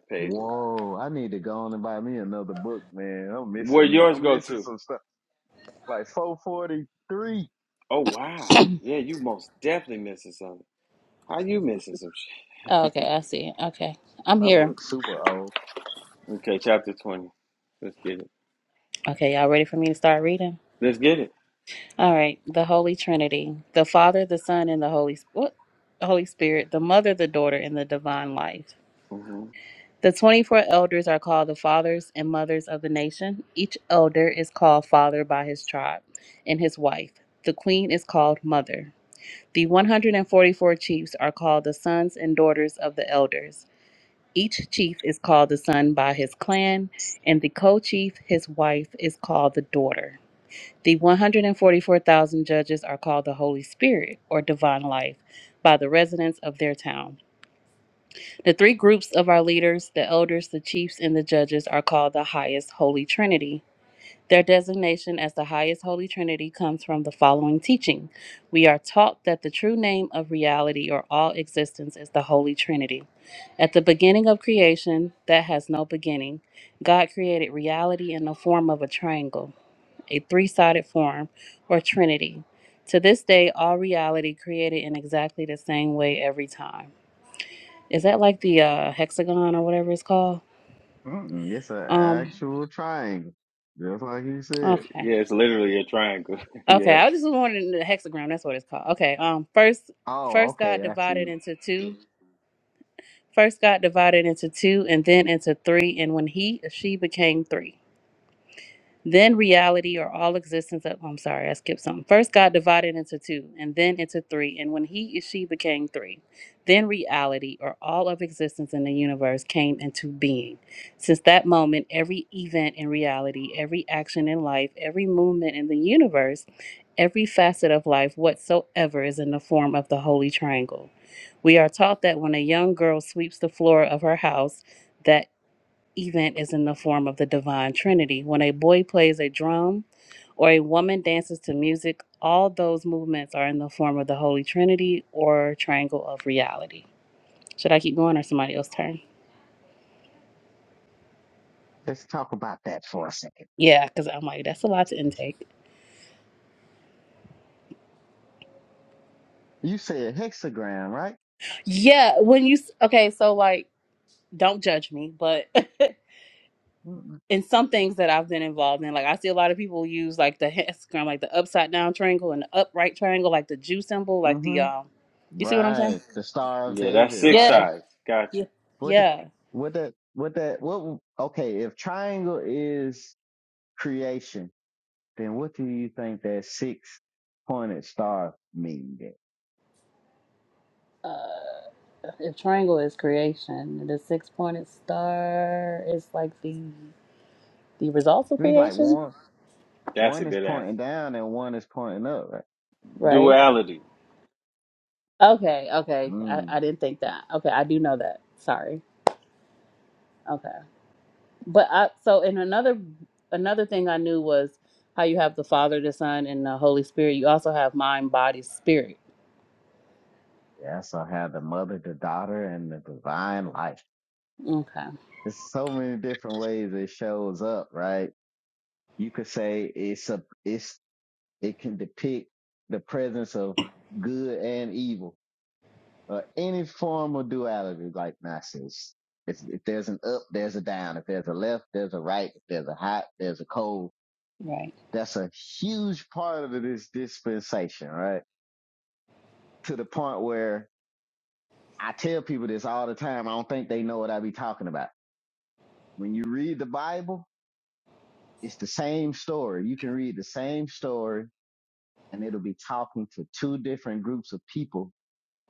Speaker 2: pages.
Speaker 1: Whoa! I need to go on and buy me another book, man. I'm
Speaker 2: Where
Speaker 1: missing.
Speaker 2: yours
Speaker 1: I'm
Speaker 2: go
Speaker 1: missing
Speaker 2: to?
Speaker 1: some stuff. Like four forty three.
Speaker 2: Oh wow. Yeah, you most definitely missing something. How you missing some shit?
Speaker 3: Oh, okay, I see. Okay. I'm
Speaker 1: My
Speaker 3: here.
Speaker 1: book's super old.
Speaker 2: Okay, chapter twenty. Let's get it.
Speaker 3: Okay, y'all ready for me to start reading?
Speaker 2: Let's get it.
Speaker 3: All right. The Holy Trinity, the Father, the Son, and the Holy Sp- what? The Holy Spirit, the Mother, the Daughter, and the Divine Life.
Speaker 2: hmm
Speaker 3: The 24 elders are called the fathers and mothers of the nation. Each elder is called father by his tribe and his wife. The queen is called mother. The 144 chiefs are called the sons and daughters of the elders. Each chief is called the son by his clan, and the co chief, his wife, is called the daughter. The 144,000 judges are called the Holy Spirit or divine life by the residents of their town. The three groups of our leaders, the elders, the chiefs, and the judges, are called the highest Holy Trinity. Their designation as the highest Holy Trinity comes from the following teaching. We are taught that the true name of reality or all existence is the Holy Trinity. At the beginning of creation, that has no beginning, God created reality in the form of a triangle, a three sided form, or Trinity. To this day, all reality created in exactly the same way every time. Is that like the uh hexagon or whatever it's called?
Speaker 1: Mm-mm, it's an
Speaker 3: Um
Speaker 1: actual triangle, just like you said.
Speaker 3: okay.
Speaker 2: Yeah, it's literally a triangle.
Speaker 3: Okay,
Speaker 2: yeah,
Speaker 3: I was just was wondering the hexagram, that's what it's called. Okay. Um first
Speaker 1: Oh,
Speaker 3: first God
Speaker 1: okay. I see.
Speaker 3: divided into two. First God divided into two and then into three, and when he she became three. Then reality or all existence of, I'm sorry, I skipped something. First, God divided into two, and then into three, and when he and she became three, then reality or all of existence in the universe came into being. Since that moment, every event in reality, every action in life, every movement in the universe, every facet of life whatsoever is in the form of the Holy Triangle. We are taught that when a young girl sweeps the floor of her house, that event is in the form of the divine trinity. When a boy plays a drum or a woman dances to music, all those movements are in the form of the holy trinity or triangle of reality. Should I keep going or somebody else turn?
Speaker 1: Let's talk about that for a second.
Speaker 3: Yeah, cuz I'm like that's a lot to intake.
Speaker 1: You said hexagram, right?
Speaker 3: Yeah, when you s- okay, so like don't judge me, but in some things that I've been involved in, like I see a lot of people use like the hexagram, like the upside down triangle and the upright triangle, like the Jew symbol, like the
Speaker 1: Mm-hmm.
Speaker 3: um, you see what I'm saying?
Speaker 1: Right. The Star of
Speaker 2: yeah. That's
Speaker 1: David,
Speaker 2: six
Speaker 1: right?
Speaker 3: Yeah,
Speaker 2: sides. Got you.
Speaker 1: What the,
Speaker 3: yeah.
Speaker 1: what that, what that, what, okay. If triangle is creation, then what do you think that six pointed star mean? Then?
Speaker 3: If triangle is creation, the six pointed star is like the the results of
Speaker 1: It's like
Speaker 3: creation,
Speaker 1: one
Speaker 2: That's
Speaker 1: one
Speaker 2: a
Speaker 1: is
Speaker 2: good
Speaker 1: pointing
Speaker 2: answer.
Speaker 1: down and one is pointing up. Right?
Speaker 3: right?
Speaker 2: Duality.
Speaker 3: Okay, okay. I,
Speaker 1: Mm,
Speaker 3: I didn't think that. Okay, I do know that. Sorry. Okay. But I so in another another thing I knew was how you have the Father, the Son, and the Holy Spirit. You also have mind, body, spirit.
Speaker 1: yeah, so I have the mother, the daughter, and the divine life.
Speaker 3: Okay.
Speaker 1: There's so many different ways it shows up, right? You could say it's a it's it can depict the presence of good and evil, or any form of duality, like Nazis. If, if there's an up, there's a down. If there's a left, there's a right. If there's a hot, there's a cold
Speaker 3: Right.
Speaker 1: That's a huge part of this dispensation, right? To the point where I tell people this all the time. I don't think they know what I be talking about. When you read the Bible, it's the same story. You can read the same story and it'll be talking to two different groups of people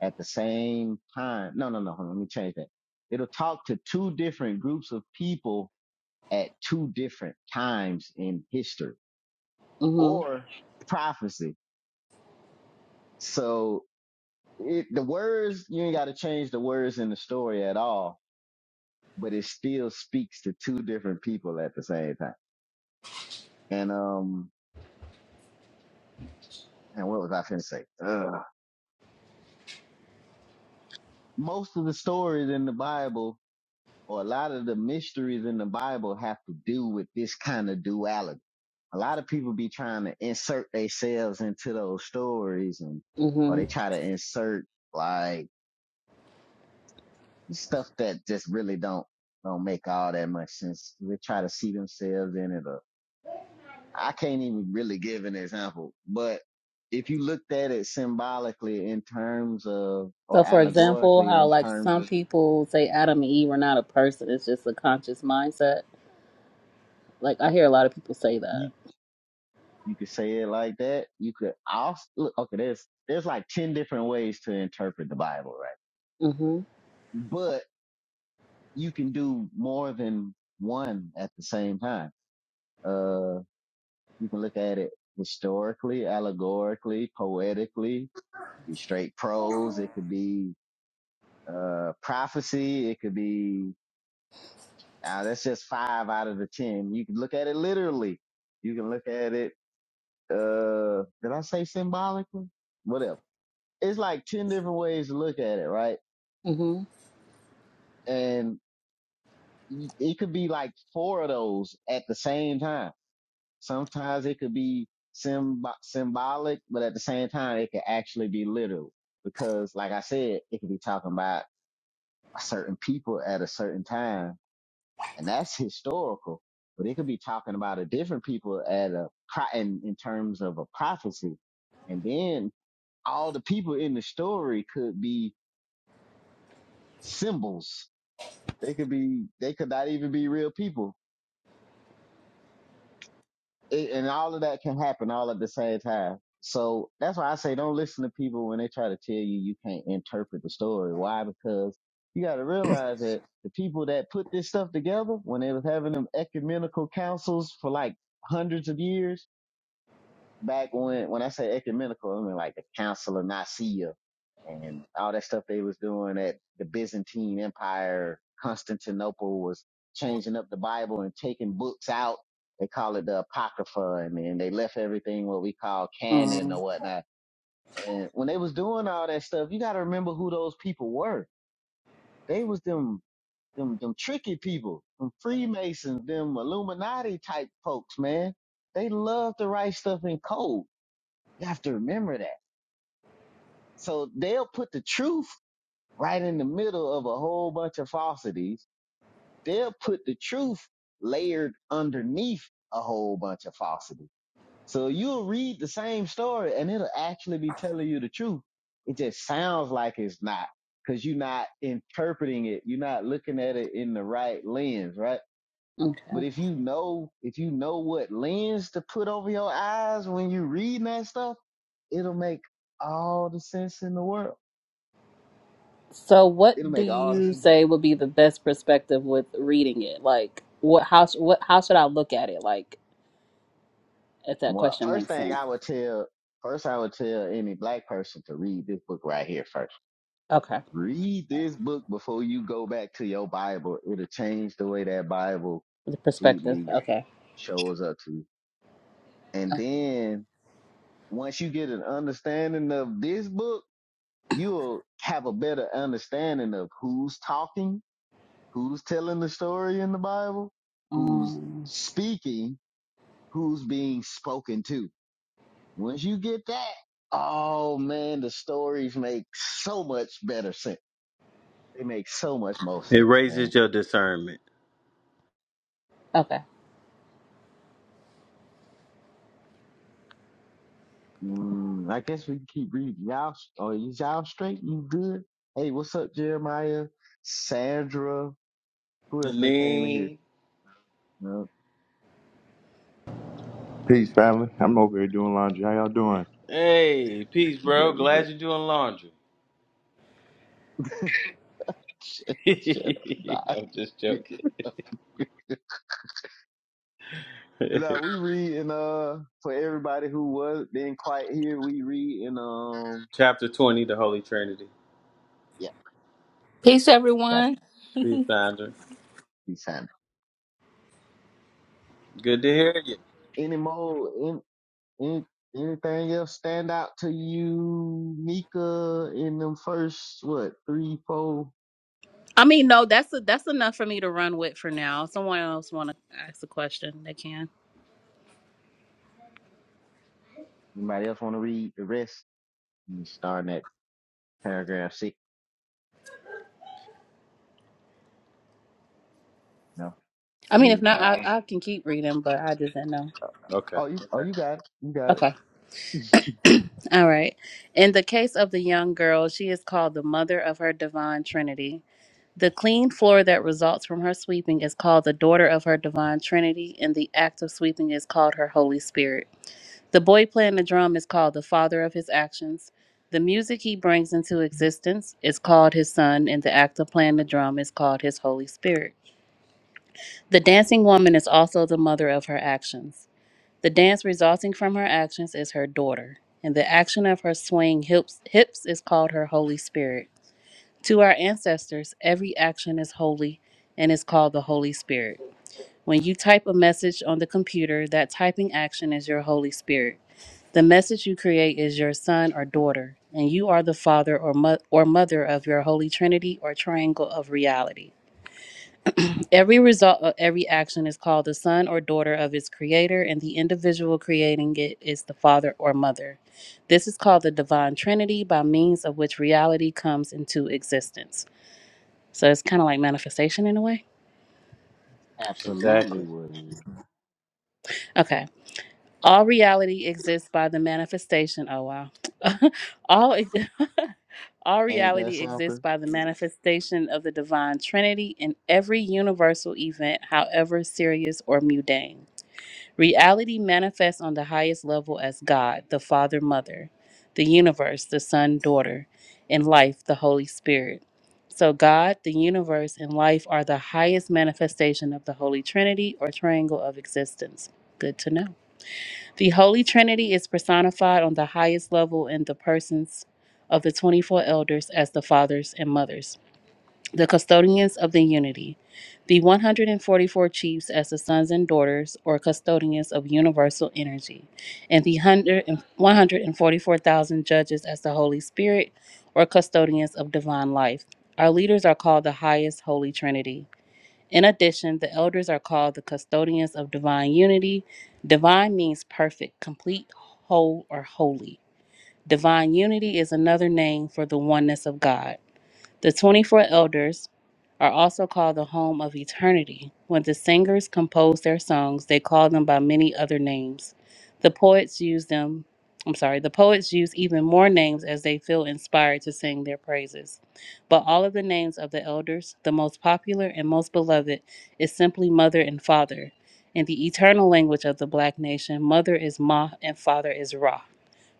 Speaker 1: at the same time. No, no, no. Hold on, let me change that. It'll talk to two different groups of people at two different times in history
Speaker 3: Mm-hmm.
Speaker 1: or prophecy. So it, the words you ain't got to change the words in the story at all, but it still speaks to two different people at the same time. And um, and what was I finna say? Uh, most of the stories in the Bible, or a lot of the mysteries in the Bible, have to do with this kind of duality. A lot of people be trying to insert themselves into those stories, and or
Speaker 3: Mm-hmm.
Speaker 1: they try to insert like stuff that just really don't don't make all that much sense. They try to see themselves in it, or I can't even really give an example, but if you looked at it symbolically in terms of, or
Speaker 3: So for example,
Speaker 1: allegorically
Speaker 3: how
Speaker 1: in
Speaker 3: like
Speaker 1: terms
Speaker 3: some
Speaker 1: of,
Speaker 3: people say Adam and Eve were not a person, it's just a conscious mindset. Like I hear a lot of people say that.
Speaker 1: you, you could say it like that. You could also, look, okay, there's, there's like 10 different ways to interpret the Bible, right?
Speaker 3: Mhm.
Speaker 1: But you can do more than one at the same time. Uh, you can look at it historically, allegorically, poetically. It could be straight prose. It could be, uh, prophecy. It could be Now that's just five out of the 10. You can look at it literally. You can look at it, uh, did I say symbolically? Whatever. It's like 10 different ways to look at it, right?
Speaker 3: Mhm.
Speaker 1: And y- it could be like four of those at the same time. Sometimes it could be symb- symbolic, but at the same time, it could actually be literal because like I said, it could be talking about a certain people at a certain time and that's historical. But it could be talking about a different people at a pro- in, in terms of a prophecy, and then all the people in the story could be symbols. They could be they could not even be real people, it, and all of that can happen all at the same time. So that's why I say don't listen to people when they try to tell you you can't interpret the story. Why? Because you got to realize that the people that put this stuff together when they was having them ecumenical councils for like hundreds of years back when when I say ecumenical, I mean like the Council of Nicaea and all that stuff they was doing at the Byzantine Empire. Constantinople was changing up the Bible and taking books out. They call it the Apocrypha, and then they left everything what we call canon or
Speaker 3: Mm.
Speaker 1: whatnot. And when they was doing all that stuff, you got to remember who those people were. They was them them them tricky people, them Freemasons, them Illuminati type folks, man. They love to write stuff in code. You have to remember that. So they'll put the truth right in the middle of a whole bunch of falsities. They'll put the truth layered underneath a whole bunch of falsity. So you'll read the same story and it'll actually be telling you the truth. It just sounds like it's not because you're not interpreting it. You're not looking at it in the right lens, right? But
Speaker 3: Okay.
Speaker 1: if you know, if you know what lens to put over your eyes when you reading that stuff, it'll make all the sense in the world.
Speaker 3: So,
Speaker 1: It'll
Speaker 3: what do
Speaker 1: make all the
Speaker 3: you
Speaker 1: sense.
Speaker 3: say would be the best perspective with reading it? Like, what? How? sh- What? How should I look at it? Like, if that
Speaker 1: Well,
Speaker 3: question
Speaker 1: first
Speaker 3: makes
Speaker 1: thing
Speaker 3: sense.
Speaker 1: I would tell, first I would tell any black person to read this book right here first.
Speaker 3: Okay.
Speaker 1: Read this book before you go back to your Bible. It'll change the way that Bible
Speaker 3: The perspective.
Speaker 1: completely
Speaker 3: Okay.
Speaker 1: shows up to you. And then once you get an understanding of this book, you'll have a better understanding of who's talking, who's telling the story in the Bible, who's
Speaker 3: Um.
Speaker 1: speaking, who's being spoken to Once you get that, oh man, the stories make so much better sense. They make so much more
Speaker 2: It
Speaker 1: sense, man.
Speaker 2: raises your discernment.
Speaker 3: Okay.
Speaker 1: Mm, I guess we can keep reading. Y'all, oh, is y'all straight? You good? Hey, what's up, Jeremiah? Sandra? Who else that came in here?
Speaker 2: Janine,
Speaker 1: No,
Speaker 5: Peace, family. I'm over here doing laundry. How y'all doing?
Speaker 2: hey, peace,
Speaker 1: we
Speaker 2: bro.
Speaker 1: good, we good.
Speaker 2: Glad you're doing laundry.
Speaker 1: Shut shut up.
Speaker 2: I'm just joking.
Speaker 1: Bye. Now we read in uh for everybody who was being quiet here, we read in um
Speaker 2: chapter twenty, the Holy Trinity.
Speaker 1: yeah,
Speaker 6: Peace,
Speaker 1: got to
Speaker 6: everyone.
Speaker 2: Peace, Sandra.
Speaker 1: be Sandra.
Speaker 2: Good to hear you.
Speaker 1: Any more? in, Any, anything else stand out to you, Mika, in them first, what, three, four?
Speaker 3: I mean, no, that's that's enough for me to run with for now. If someone else want to ask a question, they can.
Speaker 1: Anybody else want to read the rest? You starting at paragraph six. No,
Speaker 3: I mean,
Speaker 1: leave
Speaker 3: if
Speaker 1: it for
Speaker 3: not, I,
Speaker 1: Alan.
Speaker 3: I can keep reading, but I just didn't know.
Speaker 2: Okay.
Speaker 1: Oh, you, oh,
Speaker 2: Okay.
Speaker 1: you got it. You got it.
Speaker 3: Okay. All right. In the case of the young girl, she is called the mother of her divine trinity. The clean floor that results from her sweeping is called the daughter of her divine trinity, and the act of sweeping is called her Holy Spirit. The boy playing the drum is called the father of his actions. The music he brings into existence is called his son, and the act of playing the drum is called his Holy Spirit. The dancing woman is also the mother of her actions. The dance resulting from her actions is her daughter, and the action of her swaying hips, hips is called her Holy Spirit. To our ancestors, every action is holy and is called the Holy Spirit. When you type a message on the computer, that typing action is your Holy Spirit. The message you create is your son or daughter, and you are the father or, mo- or mother of your Holy Trinity or triangle of reality. Every result of every action is called the son or daughter of its creator, and the individual creating it is the father or mother. This is called the divine trinity by means of which reality comes into existence. So it's kind of like manifestation in a way.
Speaker 1: Absolutely
Speaker 2: Exactly.
Speaker 1: would.
Speaker 3: Okay. All reality exists by the manifestation. Oh wow. all all
Speaker 1: Ain't that
Speaker 3: reality exists
Speaker 1: something?
Speaker 3: by the manifestation of the divine Trinity in every universal event, however serious or mundane. Reality manifests on the highest level as God, the Father, Mother, the universe, the Son, Daughter, and life, the Holy Spirit. So, God, the universe, and life are the highest manifestation of the Holy Trinity or triangle of existence. Good to know. The Holy Trinity is personified on the highest level in the persons of the 24 elders as the fathers and mothers the custodians of the unity, the 144 chiefs as the sons and daughters or custodians of universal energy, and the 100 144,000 judges as the Holy Spirit or custodians of divine life. Our leaders are called the highest Holy Trinity. In addition, the elders are called the custodians of divine unity. Divine means perfect, complete, whole, or holy. Divine unity is another name for the oneness of God. The 24 elders are also called the home of eternity. When the singers compose their songs, they call them by many other names. The poets use them, I'm sorry, the poets use even more names as they feel inspired to sing their praises. But all of the names of the elders, the most popular and most beloved, is simply mother and father. In the eternal language of the black nation, mother is Ma and father is Ra.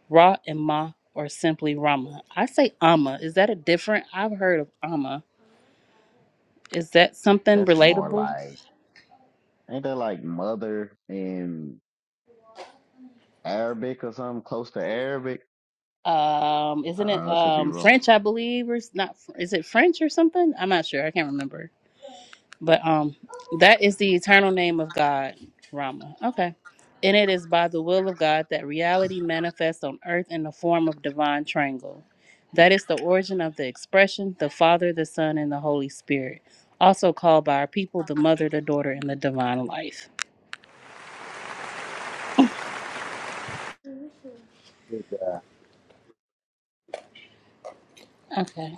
Speaker 3: Ra and Ma or simply Rama. I say Amma. Is that a different? I've heard of Amma. Is that something
Speaker 1: That's more
Speaker 3: relatable?
Speaker 1: like, ain't that like mother in Arabic or something close to Arabic?
Speaker 3: Um, isn't it
Speaker 1: Uh, I could be
Speaker 3: um
Speaker 1: wrong.
Speaker 3: French? I believe or it's not. Is it French or something? I'm not sure. I can't remember. But um, that is the eternal name of God, Rama. Okay. And it is by the will of God that reality manifests on earth in the form of divine triangle. That is the origin of the expression the Father, the Son, and the Holy Spirit, also called by our people the Mother, the Daughter, and the Divine Life.
Speaker 2: Good job.
Speaker 3: Okay.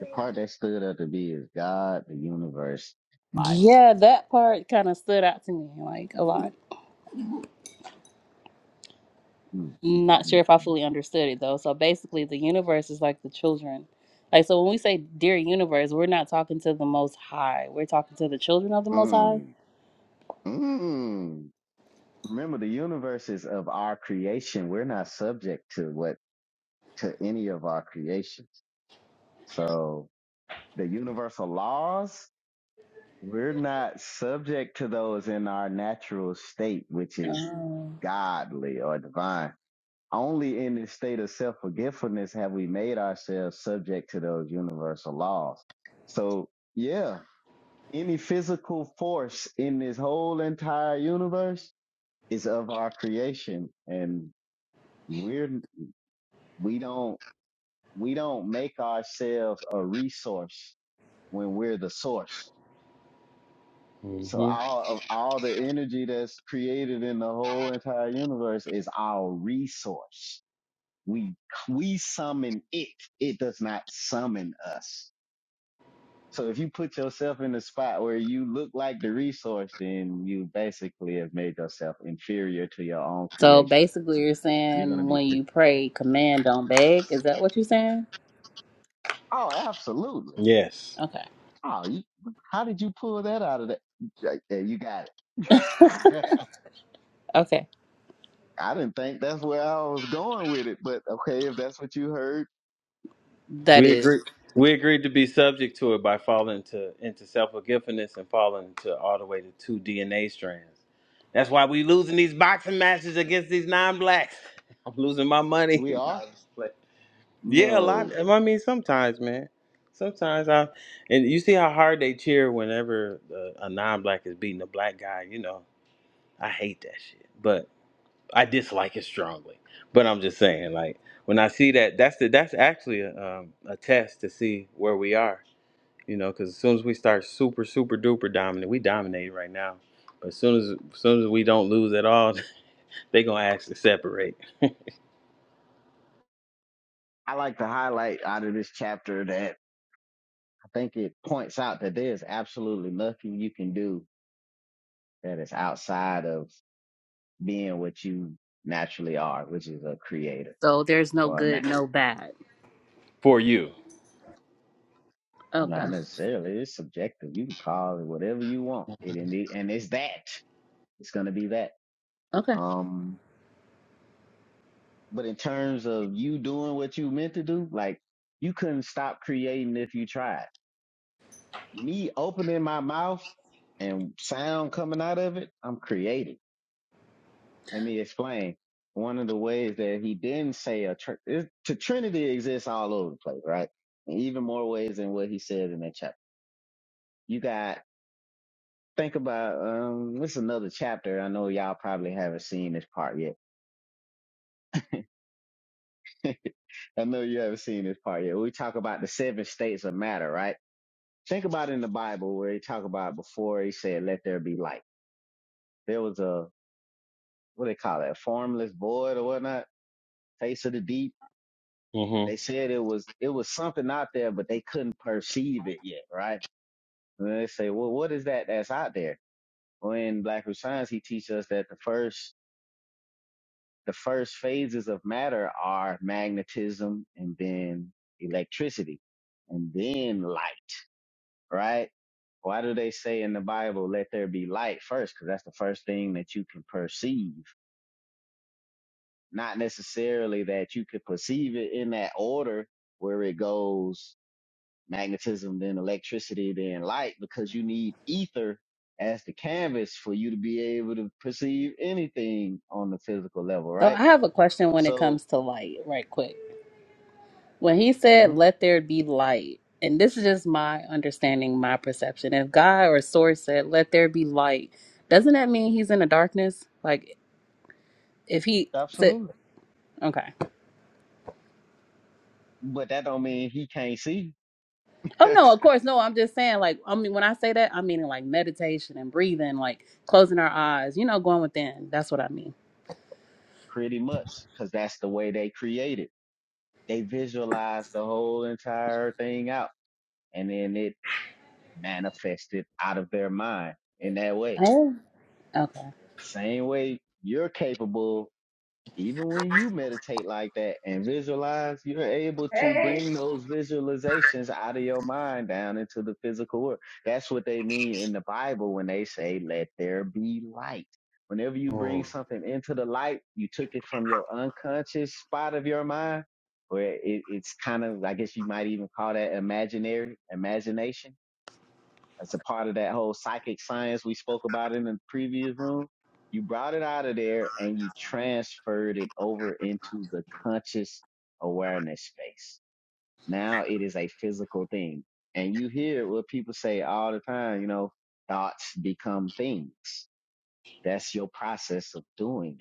Speaker 1: The part that stood out to be is God, the universe, life.
Speaker 3: Yeah, that part kind of stood out to me like a lot.
Speaker 1: Mm, mm,
Speaker 3: I'm not
Speaker 1: mm,
Speaker 3: sure
Speaker 1: mm,
Speaker 3: if I
Speaker 1: mm.
Speaker 3: fully understood it though. So basically, the universe is like the children. Like, so when we say dear universe, we're not talking to the most high, we're talking to the children of the most high.
Speaker 1: Mm, mm. Remember, the universe is of our creation. We're not subject to what to any of our creations. So the universal laws, we're not subject to those in our natural state, which is
Speaker 3: Oh.
Speaker 1: godly or divine. Only in this state of self forgetfulness have we made ourselves subject to those universal laws. So yeah, any physical force in this whole entire universe is of our creation and we're we don't we don't make ourselves a resource when we're the source so
Speaker 2: hmm
Speaker 1: all of all the energy that's created in the whole entire universe is our resource we we summon it it does not summon us so if you put yourself in a spot where you look like the resource then you basically have made yourself inferior to your own
Speaker 3: So
Speaker 1: creation
Speaker 3: basically, you're
Speaker 1: you're going to
Speaker 3: saying
Speaker 1: be
Speaker 3: when
Speaker 1: cre-
Speaker 3: you pray, command, don't beg. Is that what you're saying?
Speaker 1: oh absolutely
Speaker 2: Yes.
Speaker 3: Okay.
Speaker 1: Oh, you, how did you pull that out of that? Right there, you got it.
Speaker 3: Okay.
Speaker 1: I didn't think that's where I was going with it, but okay, if that's what you heard,
Speaker 3: That
Speaker 2: We
Speaker 3: is.
Speaker 2: agree. We agreed to be subject to it by falling into into self forgiveness and falling into all the way to two DNA strands. That's why we losing these boxing matches against these non blacks. I'm losing my money.
Speaker 1: we
Speaker 2: No,
Speaker 1: are.
Speaker 2: I'm just playing. yeah, a lot.
Speaker 1: No.
Speaker 2: I mean, sometimes, man. Sometimes I, and you see how hard they cheer whenever uh, a non black is beating a black guy. You know, I hate that shit. I dislike it strongly. But I'm just saying, like when I see that, that's the that's actually a, um, a test to see where we are. You know, because as soon as we start super super duper dominant, we dominate right now. But as soon as, as soon as we don't lose at all, they gonna ask to separate
Speaker 1: I like to highlight out of this chapter that I think it points out that there's absolutely nothing you can do that is outside of being what you naturally are, which is a creator
Speaker 3: So there's no
Speaker 1: or a ma-
Speaker 3: good, no bad.
Speaker 2: for you.
Speaker 3: Okay.
Speaker 1: not necessarily. It's subjective. You can call it whatever you want. It indeed, and it's that. It's going to be that.
Speaker 3: Okay.
Speaker 1: Um. But in terms of you doing what you meant to do, like you couldn't stop creating if you tried. Me opening my mouth and sound coming out of it, I'm creating. Let me explain. One of the ways that he didn't say a tr- it- to Trinity exists all over the place, right? In even more ways than what he said in that chapter. You got think about um this is another chapter. I know y'all probably haven't seen this part yet. I know you haven't seen this part yet. We talk about the seven states of matter, right? Think about it in the Bible where they talk about before he said, let there be light. There was a, what do they call it, a formless void or whatnot, face of the deep.
Speaker 2: Mm-hmm.
Speaker 1: They said it was, it was something out there, but they couldn't perceive it yet, right? And then they say, well, what is that that's out there? Well, in Black Root Science, he teaches us that the first, the first phases of matter are magnetism and then electricity and then light. right? Why do they say in the Bible, let there be light first? Because that's the first thing that you can perceive. Not necessarily that you could perceive it in that order where it goes magnetism, then electricity, then light, because you need ether as the canvas for you to be able to perceive anything on the physical level,
Speaker 3: So
Speaker 1: right?
Speaker 3: I have a question when it
Speaker 1: So,
Speaker 3: comes to light, right quick. when he said
Speaker 1: hmm
Speaker 3: let there be light and this is just my understanding my perception if god or source said let there be light doesn't that mean he's in the darkness like if he said
Speaker 1: absolutely.
Speaker 3: okay
Speaker 1: But that don't mean he can't see
Speaker 3: oh no of course no i'm just saying like i mean when i say that i mean like meditation and breathing like closing our eyes you know going within that's what i mean
Speaker 1: pretty much because that's the way they created. they visualized the whole entire thing out and then it manifested out of their mind in that way.
Speaker 3: oh okay
Speaker 1: Same way you're capable even when you meditate like that and visualize, you're able to bring those visualizations out of your mind down into the physical world. That's what they mean in the Bible when they say, let there be light. Whenever you bring
Speaker 2: Mm.
Speaker 1: something into the light, you took it from your unconscious spot of your mind, where it, it's kind of, I guess you might even call that imaginary, imagination that's a part of that whole psychic science we spoke about in the previous room. You brought it out of there and you transferred it over into the conscious awareness space. Now it is a physical thing. And you hear what people say all the time, you know, thoughts become things. That's your process of doing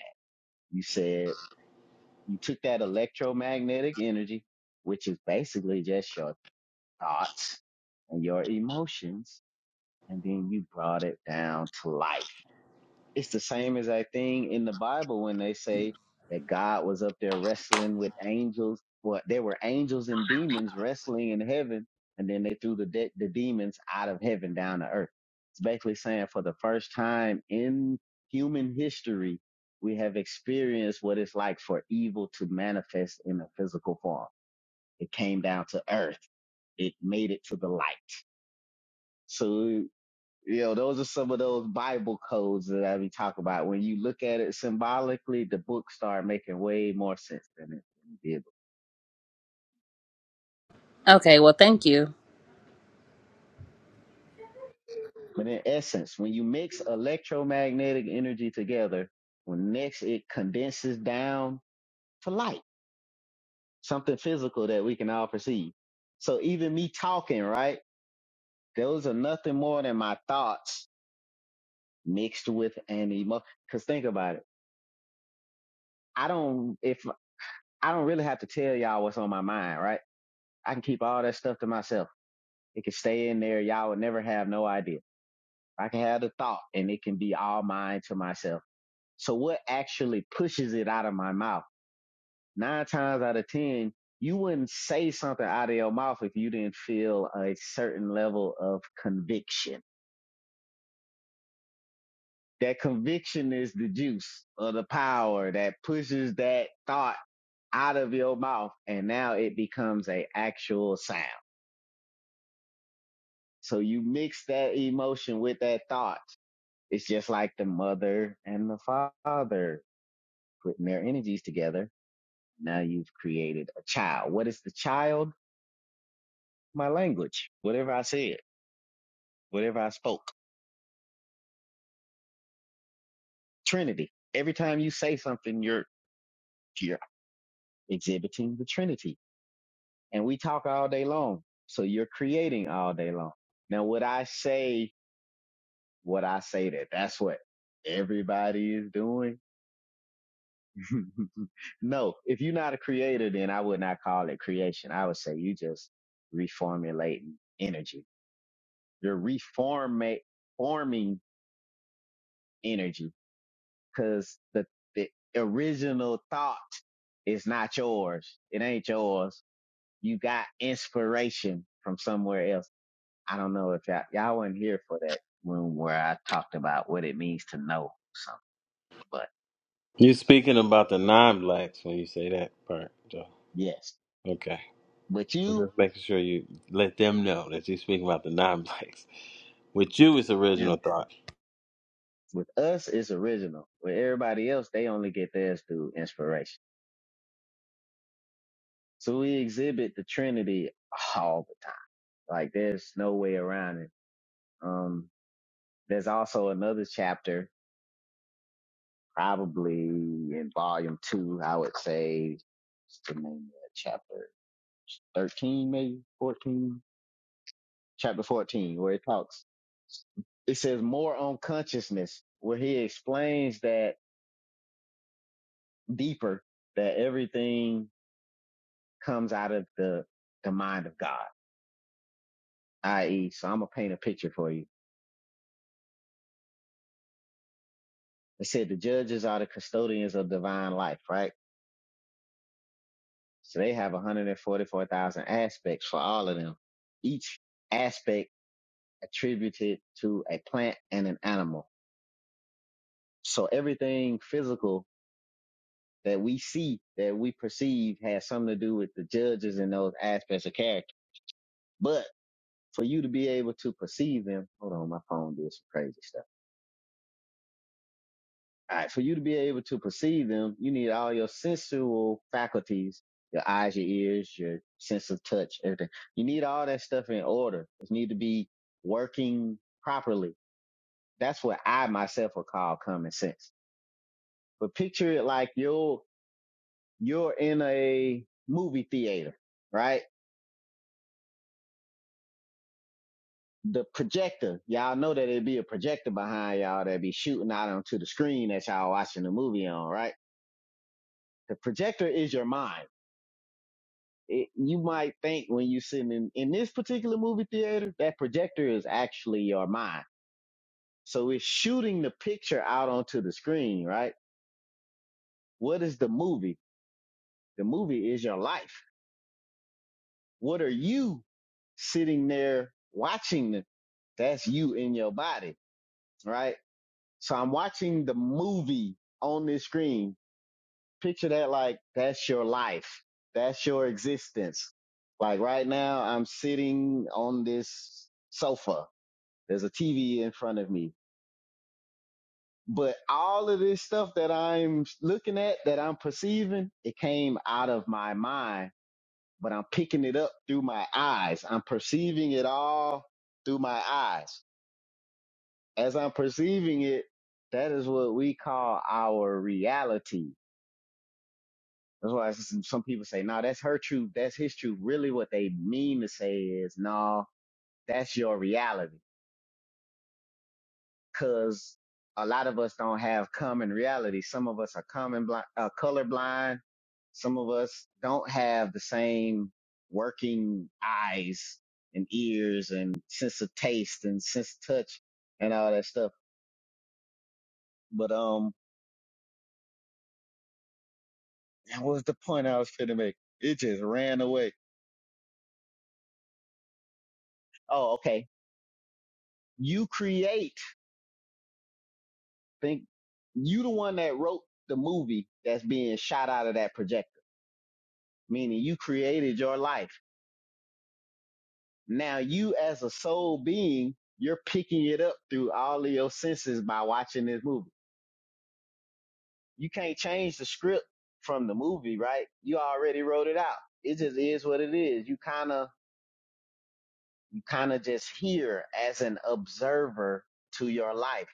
Speaker 1: that. You said you took that electromagnetic energy, which is basically just your thoughts and your emotions and then you brought it down to life. It's the same exact thing in the Bible when they say that God was up there wrestling with angels. Well, there were angels and demons wrestling in heaven, and then they threw the de- the demons out of heaven down to earth. It's basically saying for the first time in human history, we have experienced what it's like for evil to manifest in a physical form. It came down to earth. It made it to the light. So you know, those are some of those Bible codes that we talk about. When you look at it symbolically, the book start making way more sense than it did.
Speaker 3: okay well thank you
Speaker 1: But in essence, when you mix electromagnetic energy together, well, next it condenses down to light, something physical that we can all perceive. So even me talking, right? Those are nothing more than my thoughts mixed with an emotion. Cause think about it. I don't, if I don't really have to tell y'all what's on my mind, right? I can keep all that stuff to myself. It can stay in there. Y'all would never have no idea. I can have the thought and it can be all mine to myself. So what actually pushes it out of my mouth? Nine times out of 10, you wouldn't say something out of your mouth if you didn't feel a certain level of conviction. That conviction is the juice or the power that pushes that thought out of your mouth. And now it becomes a actual sound. So you mix that emotion with that thought It's just like the mother and the father putting their energies together. Now you've created a child. What is the child? My language. Whatever I said, whatever I spoke. Trinity. Every time you say something, you're, you're exhibiting the Trinity. And we talk all day long. So you're creating all day long. Now, would I say what I say that that's what everybody is doing? no, if you're not a creator, then I would not call it creation. I would say you just reformulating energy. You're reformate forming energy because the, the original thought is not yours. It ain't yours. You got inspiration from somewhere else. I don't know if y'all, y'all weren't here for that room where I talked about what it means to know something, but
Speaker 2: you speaking about the non-blacks when you say that part, Joe.
Speaker 1: yes,
Speaker 2: Okay.
Speaker 1: but
Speaker 2: I'm
Speaker 1: you,
Speaker 2: just making sure you let them know that you're speaking about the non-blacks. With you, it's
Speaker 1: you know.
Speaker 2: original thought.
Speaker 1: With us, it's original. With everybody else, they only get theirs through inspiration. So we exhibit the Trinity all the time. Like there's no way around it. Um, there's also another chapter, probably in volume two, I would say, what's the name of that chapter 13, maybe 14, chapter 14, where it talks, it says more on consciousness, where he explains that deeper that everything comes out of the, the mind of God, i.e., so I'm going to paint a picture for you. It said the judges are the custodians of divine life, right? So they have 144,000 aspects for all of them, each aspect attributed to a plant and an animal. So everything physical that we see, that we perceive, has something to do with the judges and those aspects of character. But for you to be able to perceive them, hold on, my phone did some crazy stuff All right, for you to be able to perceive them, you need all your sensual faculties, your eyes, your ears, your sense of touch, everything. You need all that stuff in order. It need to be working properly. That's what I myself would call common sense. But picture it like you're you're in a movie theater, right? The projector, y'all know that it'd be a projector behind y'all that'd be shooting out onto the screen that y'all watching the movie on, right? The projector is your mind it, you might think when you're sitting in, in this particular movie theater, that projector is actually your mind. So it's shooting the picture out onto the screen, right? What is the movie? The movie is your life. What are you sitting there watching? The, that's you in your body, right? So I'm watching the movie on this screen. Picture that like that's your life. That's your existence. Like right now, I'm sitting on this sofa There's a TV in front of me. But all of this stuff that I'm looking at, that I'm perceiving, it came out of my mind, but I'm picking it up through my eyes. I'm perceiving it all through my eyes. As I'm perceiving it, that is what we call our reality. That's why s- some people say, no, that's her truth. That's his truth. Really what they mean to say is, no, that's your reality because a lot of us don't have common reality. Some of us are common blind, uh, colorblind. Some of us don't have the same working eyes and ears and sense of taste and sense of touch and all that stuff. But um, what was the point I was trying to make. It just ran away. Oh, okay. You create. Think you the one that wrote the movie that's being shot out of that projector. Meaning you created your life Now you as a soul being, you're picking it up through all of your senses by watching this movie. You can't change the script from the movie, right? You already wrote it out. It just is what it is. You kind of, you kind of just here as an observer to your life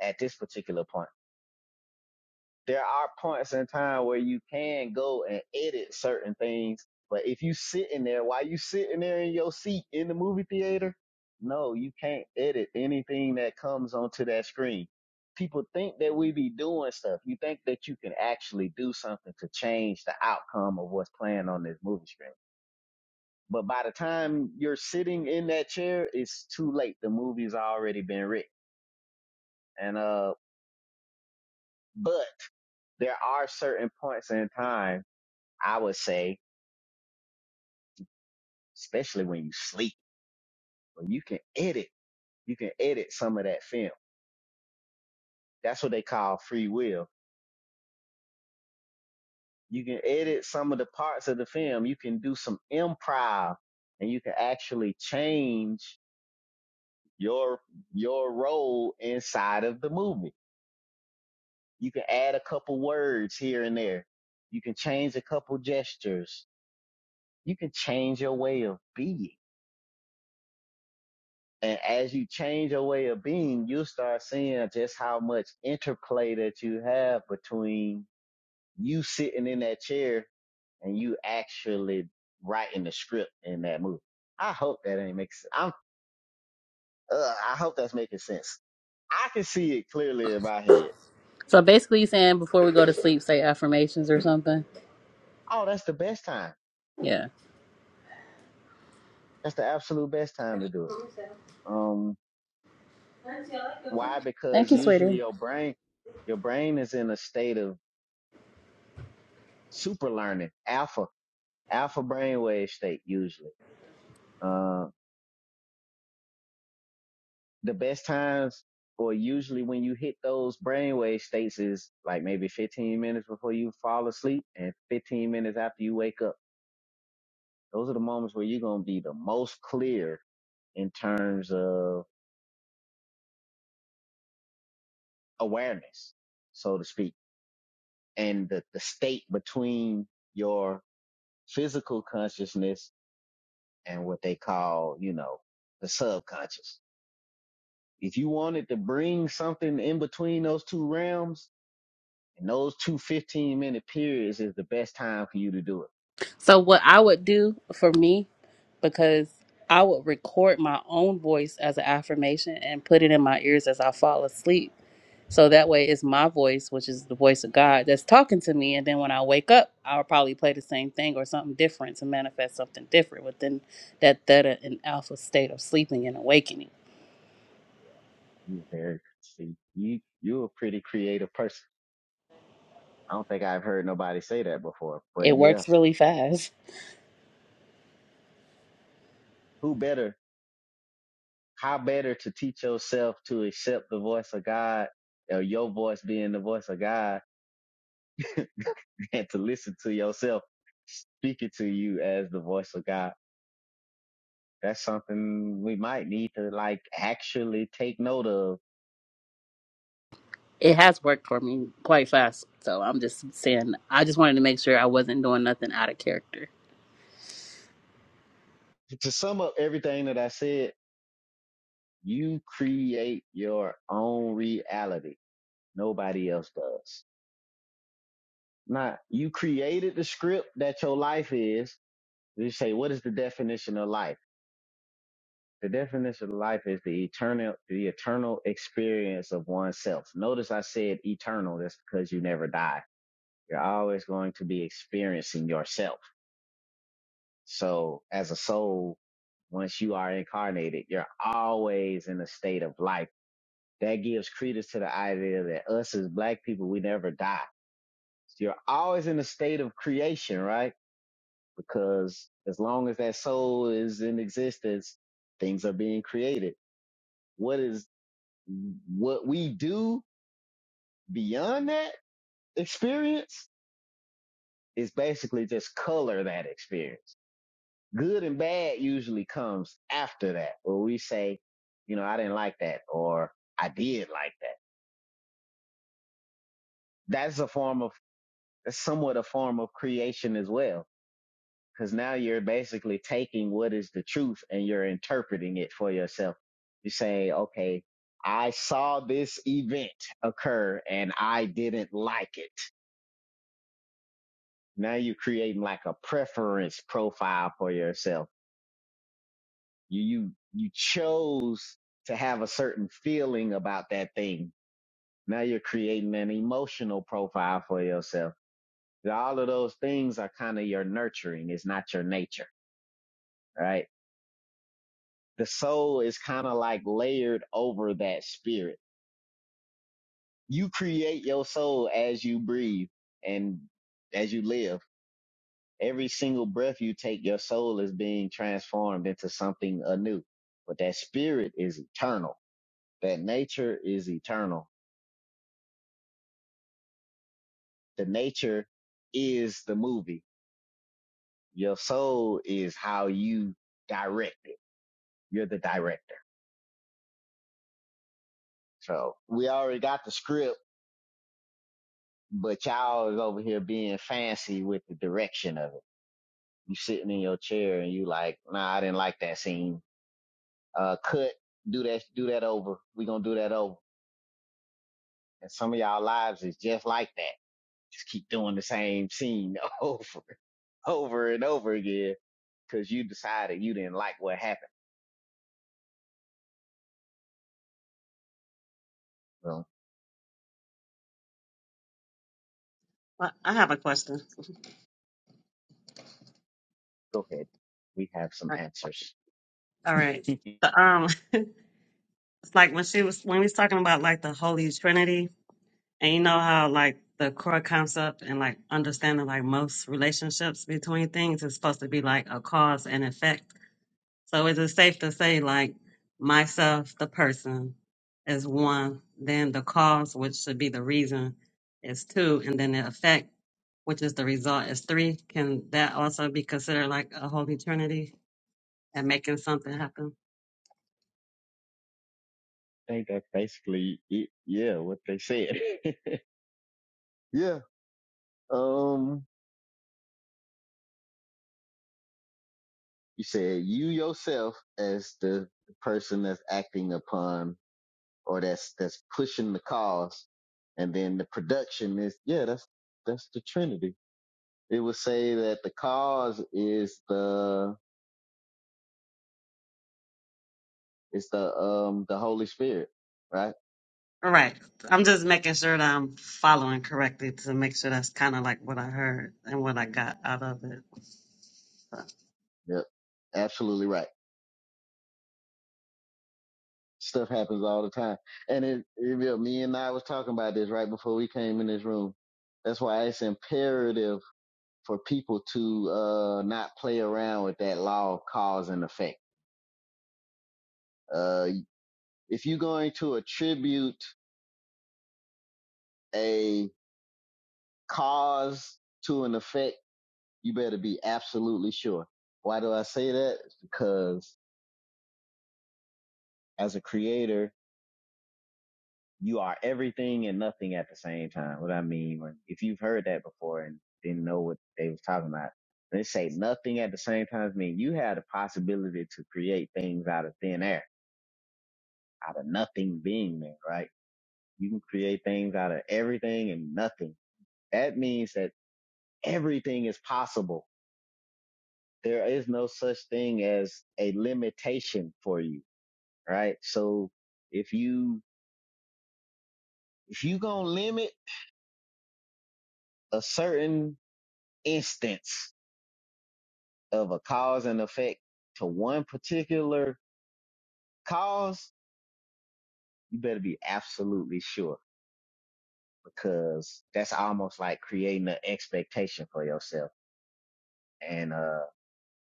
Speaker 1: at this particular point. there are points in time where you can go and edit certain things, but if you sitting there, while you sitting there in your seat in the movie theater, no, you can't edit anything that comes onto that screen. People think that we be doing stuff. You think that you can actually do something to change the outcome of what's playing on this movie screen. But by the time you're sitting in that chair, it's too late. The movie's already been written. And uh but there are certain points in time, I would say, especially when you sleep. When you can edit, you can edit some of that film. That's what they call free will. You can edit some of the parts of the film. You can do some improv and you can actually change your, your role inside of the movie. You can add a couple words here and there. You can change a couple gestures. You can change your way of being. And as you change your way of being, you'll start seeing just how much interplay that you have between You sitting in that chair and you actually writing the script in that movie. I hope that ain't making sense. I'm, uh, I hope that's making sense. I can see it clearly in my head.
Speaker 3: so basically you're saying before we go to sleep say affirmations or something
Speaker 1: Oh, that's the best time.
Speaker 3: yeah
Speaker 1: That's the absolute best time to do it. Um, why?
Speaker 3: thank
Speaker 1: Because
Speaker 3: you
Speaker 1: usually
Speaker 3: sweetie
Speaker 1: your brain, your brain is in a state of super learning, alpha, alpha brainwave state usually. Uh, the best times or usually when you hit those brainwave states is like maybe 15 minutes before you fall asleep and 15 minutes after you wake up. Those are the moments where you're going to be the most clear in terms of awareness, so to speak, and the, the state between your physical consciousness and what they call, you know, the subconscious. If you wanted to bring something in between those two realms, And those two fifteen minute periods is the best time for you to do it.
Speaker 3: So what I would do for me, because I would record my own voice as an affirmation and put it in my ears as I fall asleep. So that way it's my voice, which is the voice of God, that's talking to me. And then when I wake up, I'll probably play the same thing or something different to manifest something different within that theta and alpha state of sleeping and awakening.
Speaker 1: You're very, see, you, you're a pretty creative person. I don't think I've heard nobody say that before,
Speaker 3: It
Speaker 1: but yeah,
Speaker 3: works really fast.
Speaker 1: who better, how better to teach yourself to accept the voice of God or your voice being the voice of God and to listen to yourself speaking to you as the voice of God. That's something we might need to like actually take note of.
Speaker 3: It has worked for me quite fast. So I'm just saying, I just wanted to make sure I wasn't doing nothing out of character.
Speaker 1: To sum up everything that I said, You create your own reality. Nobody else does. Not you created the script that your life is. You say, what is the definition of life? The definition of life is the eternal, the eternal experience of oneself. Notice I said eternal. That's because you never die. You're always going to be experiencing yourself. So as a soul, once you are incarnated, you're always in a state of life that gives credence to the idea that us as black people, we never die. So You're always in a state of creation, right? Because as long as that soul is in existence, things are being created. What is what we do beyond that experience is basically just color that experience. Good and bad usually comes after that, where we say, you know, I didn't like that or I did like that. That's a form of, that's somewhat a form of creation as well Cause now you're basically taking what is the truth and you're interpreting it for yourself. You say, okay, I saw this event occur and I didn't like it. Now you're creating like a preference profile for yourself. You, you, you chose to have a certain feeling about that thing. Now you're creating an emotional profile for yourself. All of those things are kind of your nurturing. It's not your nature, right? the soul is kind of like layered over that spirit. You create your soul as you breathe and as you live. Every single breath you take, your soul is being transformed into something anew. But that spirit is eternal. That nature is eternal. The nature is the movie. Your soul is how you direct it. You're the director. So we already got the script, but y'all is over here being fancy with the direction of it. You sitting in your chair and you like, nah, I didn't like that scene. Uh, cut, do that, do that over. We gonna do that over. And some of y'all lives is just like that. Just keep doing the same scene over over and over again because you decided you didn't like what happened. Well,
Speaker 4: But I have a question.
Speaker 1: go ahead. We have some
Speaker 4: All right.
Speaker 1: answers.
Speaker 4: All right.
Speaker 1: I
Speaker 4: The, um, it's like when she was when we was talking about like the Holy Trinity, and you know how like the core concept and like understanding like most relationships between things is supposed to be like a cause and effect. So is it safe to say like myself, the person, is one, then the cause, which should be the reason, is two, and then the effect, which is the result, is three. Can that also be considered like a holy trinity and making something happen?
Speaker 1: think that's basically it. Yeah, what they said. yeah. Um, you said you yourself as the person that's acting upon or that's that's pushing the cause. And then the production is yeah, that's that's the Trinity. It would say that the cause is the is the um the Holy Spirit, right?
Speaker 4: All right. I'm just making sure that I'm following correctly to make sure that's kind of like what I heard and what I got out of it. So,
Speaker 1: Yep, absolutely right. Stuff happens all the time, and it, it yeah, me and I was talking about this right before we came in this room. That's why it's imperative for people to uh not play around with that law of cause and effect. Uh, if you're going to attribute a cause to an effect, you better be absolutely sure. Why do I say that? It's because as a creator, you are everything and nothing at the same time. What I mean, if you've heard that before and didn't know what they was talking about, they say nothing at the same time I mean you have the possibility to create things out of thin air, out of nothing being there, right? You can create things out of everything and nothing. That means that everything is possible there is no such thing as a limitation for you, right? So if you if you gonna limit a certain instance of a cause and effect to one particular cause, you better be absolutely sure because that's almost like creating an expectation for yourself. And uh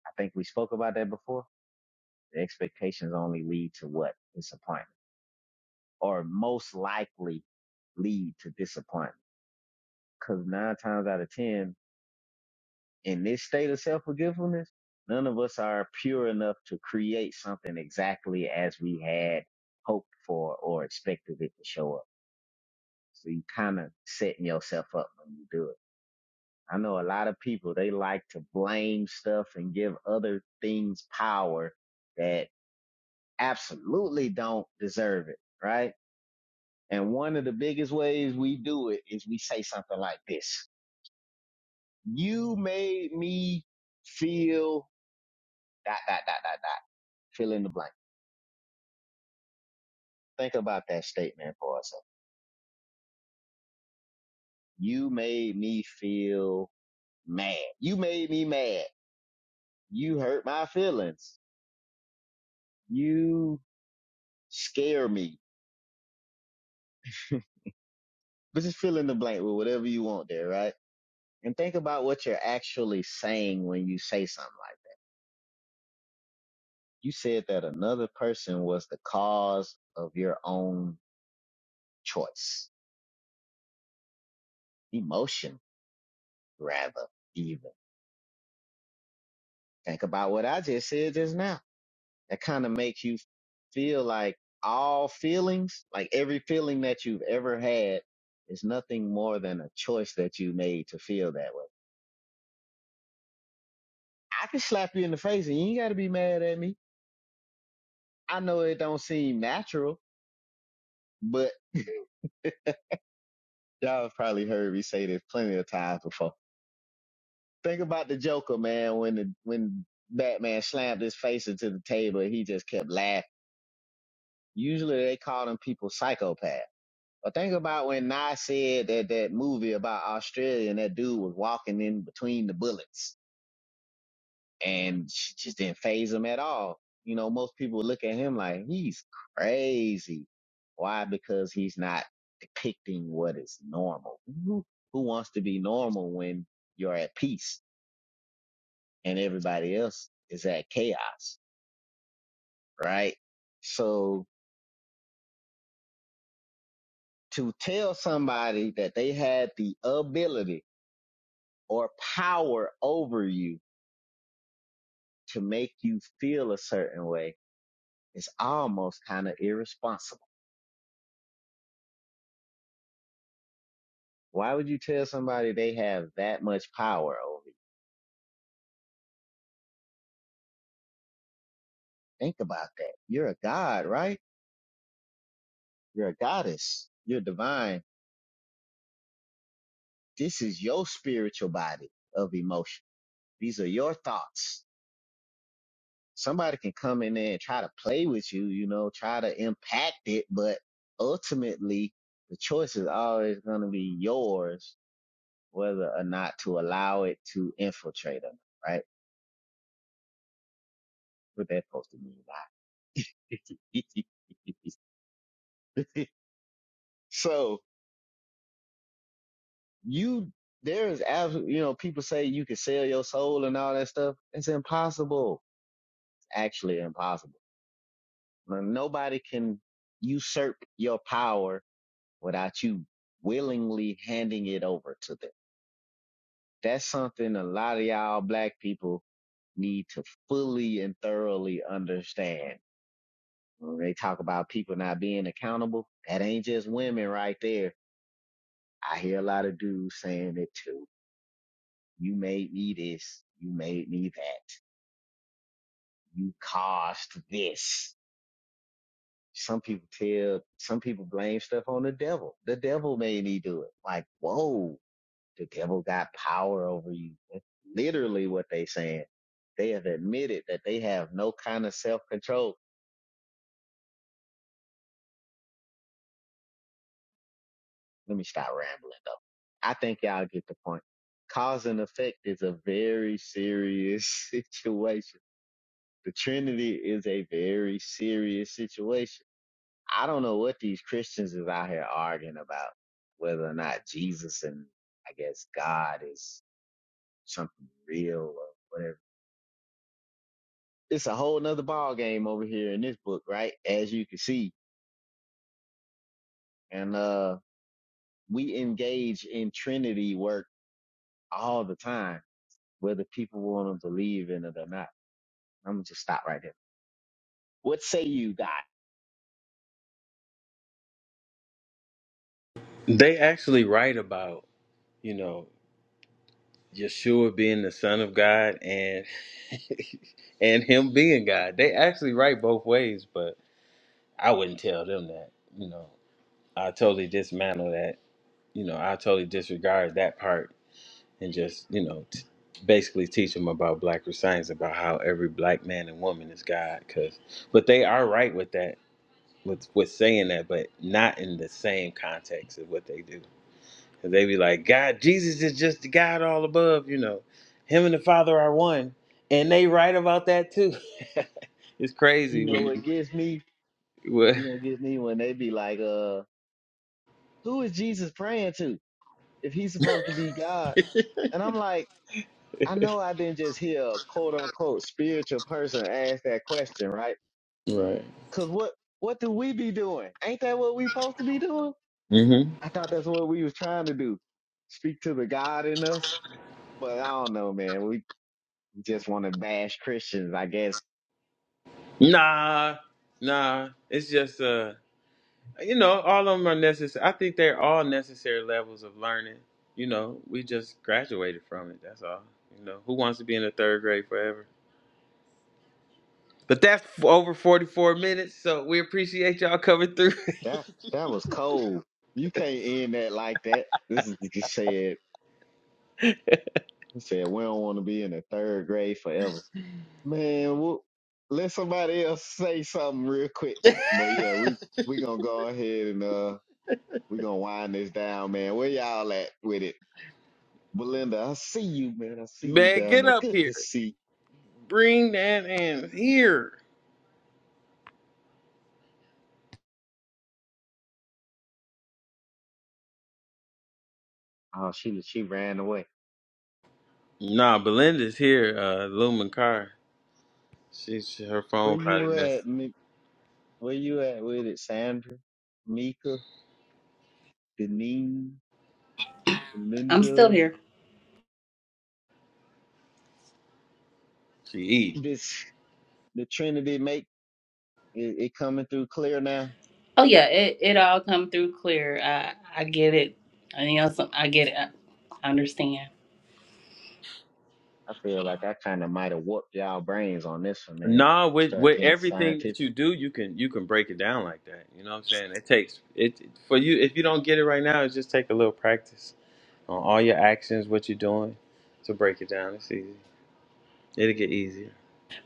Speaker 1: I think we spoke about that before. The expectations only lead to what? Disappointment. Or most likely lead to disappointment Cause nine times out of ten, in this state of self-forgetfulness, none of us are pure enough to create something exactly as we had hoped for or expected it to show up. So you kind of setting yourself up when you do it. I know a lot of people, they like to blame stuff and give other things power that absolutely don't deserve it, right? And one of the biggest ways we do it is we say something like this. You made me feel dot, dot, dot, dot, dot. Fill in the blank. Think about that statement for a second. You made me feel mad. You made me mad. You hurt my feelings. You scare me. But just fill in the blank with whatever you want there, right? And think about what you're actually saying when you say something like that. You said that another person was the cause of your own choice, emotion, rather, even. Think about what I just said just now that kind of makes you feel like all feelings, like every feeling that you've ever had is nothing more than a choice that you made to feel that way. I can slap you in the face and you ain't got to be mad at me. I know it don't seem natural, but y'all have probably heard me say this plenty of times before. Think about the Joker, man, when the, when Batman slammed his face into the table, he just kept laughing. Usually they call them people psychopaths But think about when Nas said that that movie about Australia and that dude was walking in between the bullets and she just didn't phase him at all. You know, most people look at him like he's crazy. Why? Because he's not depicting what is normal. Who, who wants to be normal when you're at peace and everybody else is at chaos, right? So to tell somebody that they had the ability or power over you to make you feel a certain way is almost kind of irresponsible. Why would you tell somebody they have that much power over you? Think about that. You're a god, right? You're a goddess. You're divine. This is your spiritual body of emotion. These are your thoughts. Somebody can come in there and try to play with you, you know, try to impact it, but ultimately the choice is always going to be yours, whether or not to allow it to infiltrate them, right? What that supposed to mean? I- so you, there is absolutely, you know, people say you can sell your soul and all that stuff. It's impossible. It's actually impossible. Nobody can usurp your power without you willingly handing it over to them. That's something a lot of y'all black people need to fully and thoroughly understand. When they talk about people not being accountable, that ain't just women right there. I hear a lot of dudes saying it too. You made me this. You made me that. You caused this. Some people tell, some people blame stuff on the devil. The devil made me do it. Like, whoa, the devil got power over you. That's literally what they saying. They have admitted that they have no kind of self control. Let me stop rambling though. I think y'all get the point. Cause and effect is a very serious situation the Trinity is a very serious situation. I don't know what these Christians is out here arguing about, whether or not Jesus and I guess God is something real or whatever. It's a whole nother ball game over here in this book, right? As you can see. And uh we engage in Trinity work all the time, whether people want to believe in it or not. I'm gonna just stop right there. What say you, God?
Speaker 2: They actually write about, you know. Yeshua being the Son of God and and him being God. They actually write both ways, but I wouldn't tell them that. You know, I totally dismantle that. You know, I totally disregard that part and just you know t- basically teach them about Black science about how every black man and woman is God. Cause, but they are right with that with with saying that, but not in the same context of what they do. And they be like, God, Jesus is just the God all above, you know. Him and the Father are one. And they right about that too. it's
Speaker 1: You
Speaker 2: crazy
Speaker 1: know, it
Speaker 2: when
Speaker 1: gives me,
Speaker 2: you when-
Speaker 1: you know, it gets me when they be like, uh, who is Jesus praying to if he's supposed to be God? And I'm like, I know I didn't just hear a quote unquote spiritual person ask that question, right?
Speaker 2: Right.
Speaker 1: Cause what, what do we be doing? Ain't that what we supposed to be doing?
Speaker 2: hmm
Speaker 1: I thought that's what we was trying to do. Speak to the God in us. But I don't know, man. We just want to bash Christians. I guess
Speaker 2: Nah, nah. It's just uh you know, all of them are necessary. I think they're all necessary levels of learning. You know, we just graduated from it. That's all. You know, who wants to be in the third grade forever? But that's f- over 44 minutes, so we appreciate y'all coming through.
Speaker 1: that, that was cold. You can't end that like that. This is, you said, you said we don't want to be in the third grade forever. Man, we'll, let somebody else say something real quick. But yeah, we we gonna go ahead and uh we gonna wind this down, man. Where y'all at with it? Belinda, I see you, man. I see you
Speaker 2: Man,
Speaker 1: down
Speaker 2: get
Speaker 1: there.
Speaker 2: up
Speaker 1: Good
Speaker 2: here.
Speaker 1: to see. you.
Speaker 2: Bring that in here.
Speaker 1: Oh, she she ran away.
Speaker 2: Nah, Belinda's here. Uh, Lumen Carr. She's her
Speaker 1: Where
Speaker 2: phone probably
Speaker 1: you
Speaker 2: messed.
Speaker 1: at? Mi- Where you at with it, Sandra, Mika, Denise,
Speaker 3: I'm still
Speaker 1: Belinda?
Speaker 3: here.
Speaker 2: She eat.
Speaker 1: This the Trinity make it, it coming through clear now.
Speaker 3: Oh yeah, it, it all come through clear. I I get it. I, you know, some, I get it. I understand.
Speaker 1: I feel like I kind of might have warped y'all brains on this one, man.
Speaker 2: Nah,
Speaker 1: I
Speaker 2: with
Speaker 1: started
Speaker 2: with
Speaker 1: getting
Speaker 2: everything
Speaker 1: scientific.
Speaker 2: that you do, you can you can break it down like that. You know what I'm saying? It takes it for you. If you don't get it right now, it just take a little practice on all your actions, what you're doing, to break it down. It's easy. It'll get easier.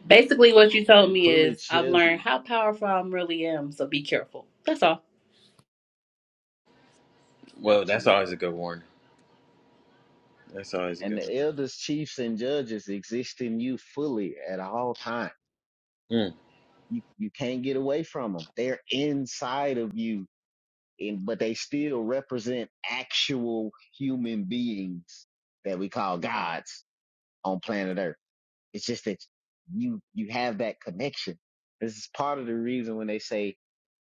Speaker 3: Basically, what you told
Speaker 1: and
Speaker 3: me
Speaker 1: fully
Speaker 3: is I've
Speaker 1: tells
Speaker 3: learned
Speaker 1: you
Speaker 3: how powerful I am really am. So be careful. That's all.
Speaker 2: Well, that's
Speaker 1: absolutely.
Speaker 2: always a good warning. That's always a
Speaker 1: And
Speaker 2: good
Speaker 1: the elders, chiefs, and judges exist in you fully at all times.
Speaker 2: warning.
Speaker 1: You you can't get away from them. They're inside of you, and but they still represent actual human beings that we call gods on planet Earth. It's just that you you have that connection. This is part of the reason when they say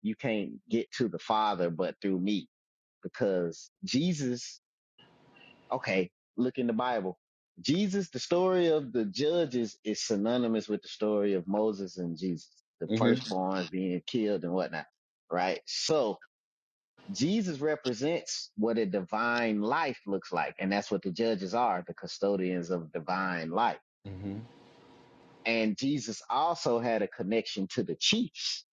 Speaker 1: you can't get to the Father but through me, because Jesus Okay, look in the Bible. Jesus, the story of the judges is synonymous with the story of Moses and Jesus, the
Speaker 2: Mm, mm-hmm.
Speaker 1: firstborn being killed and whatnot, right? So Jesus represents what a divine life looks like. And that's what the judges are, the custodians of divine life.
Speaker 2: Mm-hmm.
Speaker 1: And Jesus also had a connection to the chiefs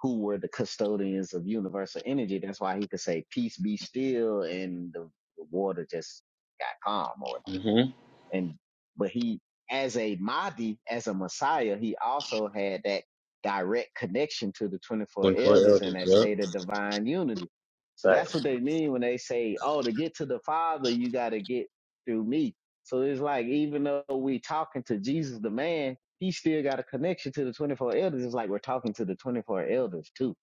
Speaker 1: who were the custodians of universal energy. That's why he could say, peace be still. And the, the water just got calm or whatever
Speaker 2: Mm-hmm.
Speaker 1: and but he as a Mahdi, as a Messiah, he also had that direct connection to the 24
Speaker 2: Twenty-four
Speaker 1: elders and
Speaker 2: elders.
Speaker 1: that state
Speaker 2: Yep.
Speaker 1: of divine unity. So that's what they mean when they say, "Oh, to get to the Father, you got to get through me." So it's like even though we talking to Jesus the man, he still got a connection to the 24 elders. It's like we're talking to the 24 elders too.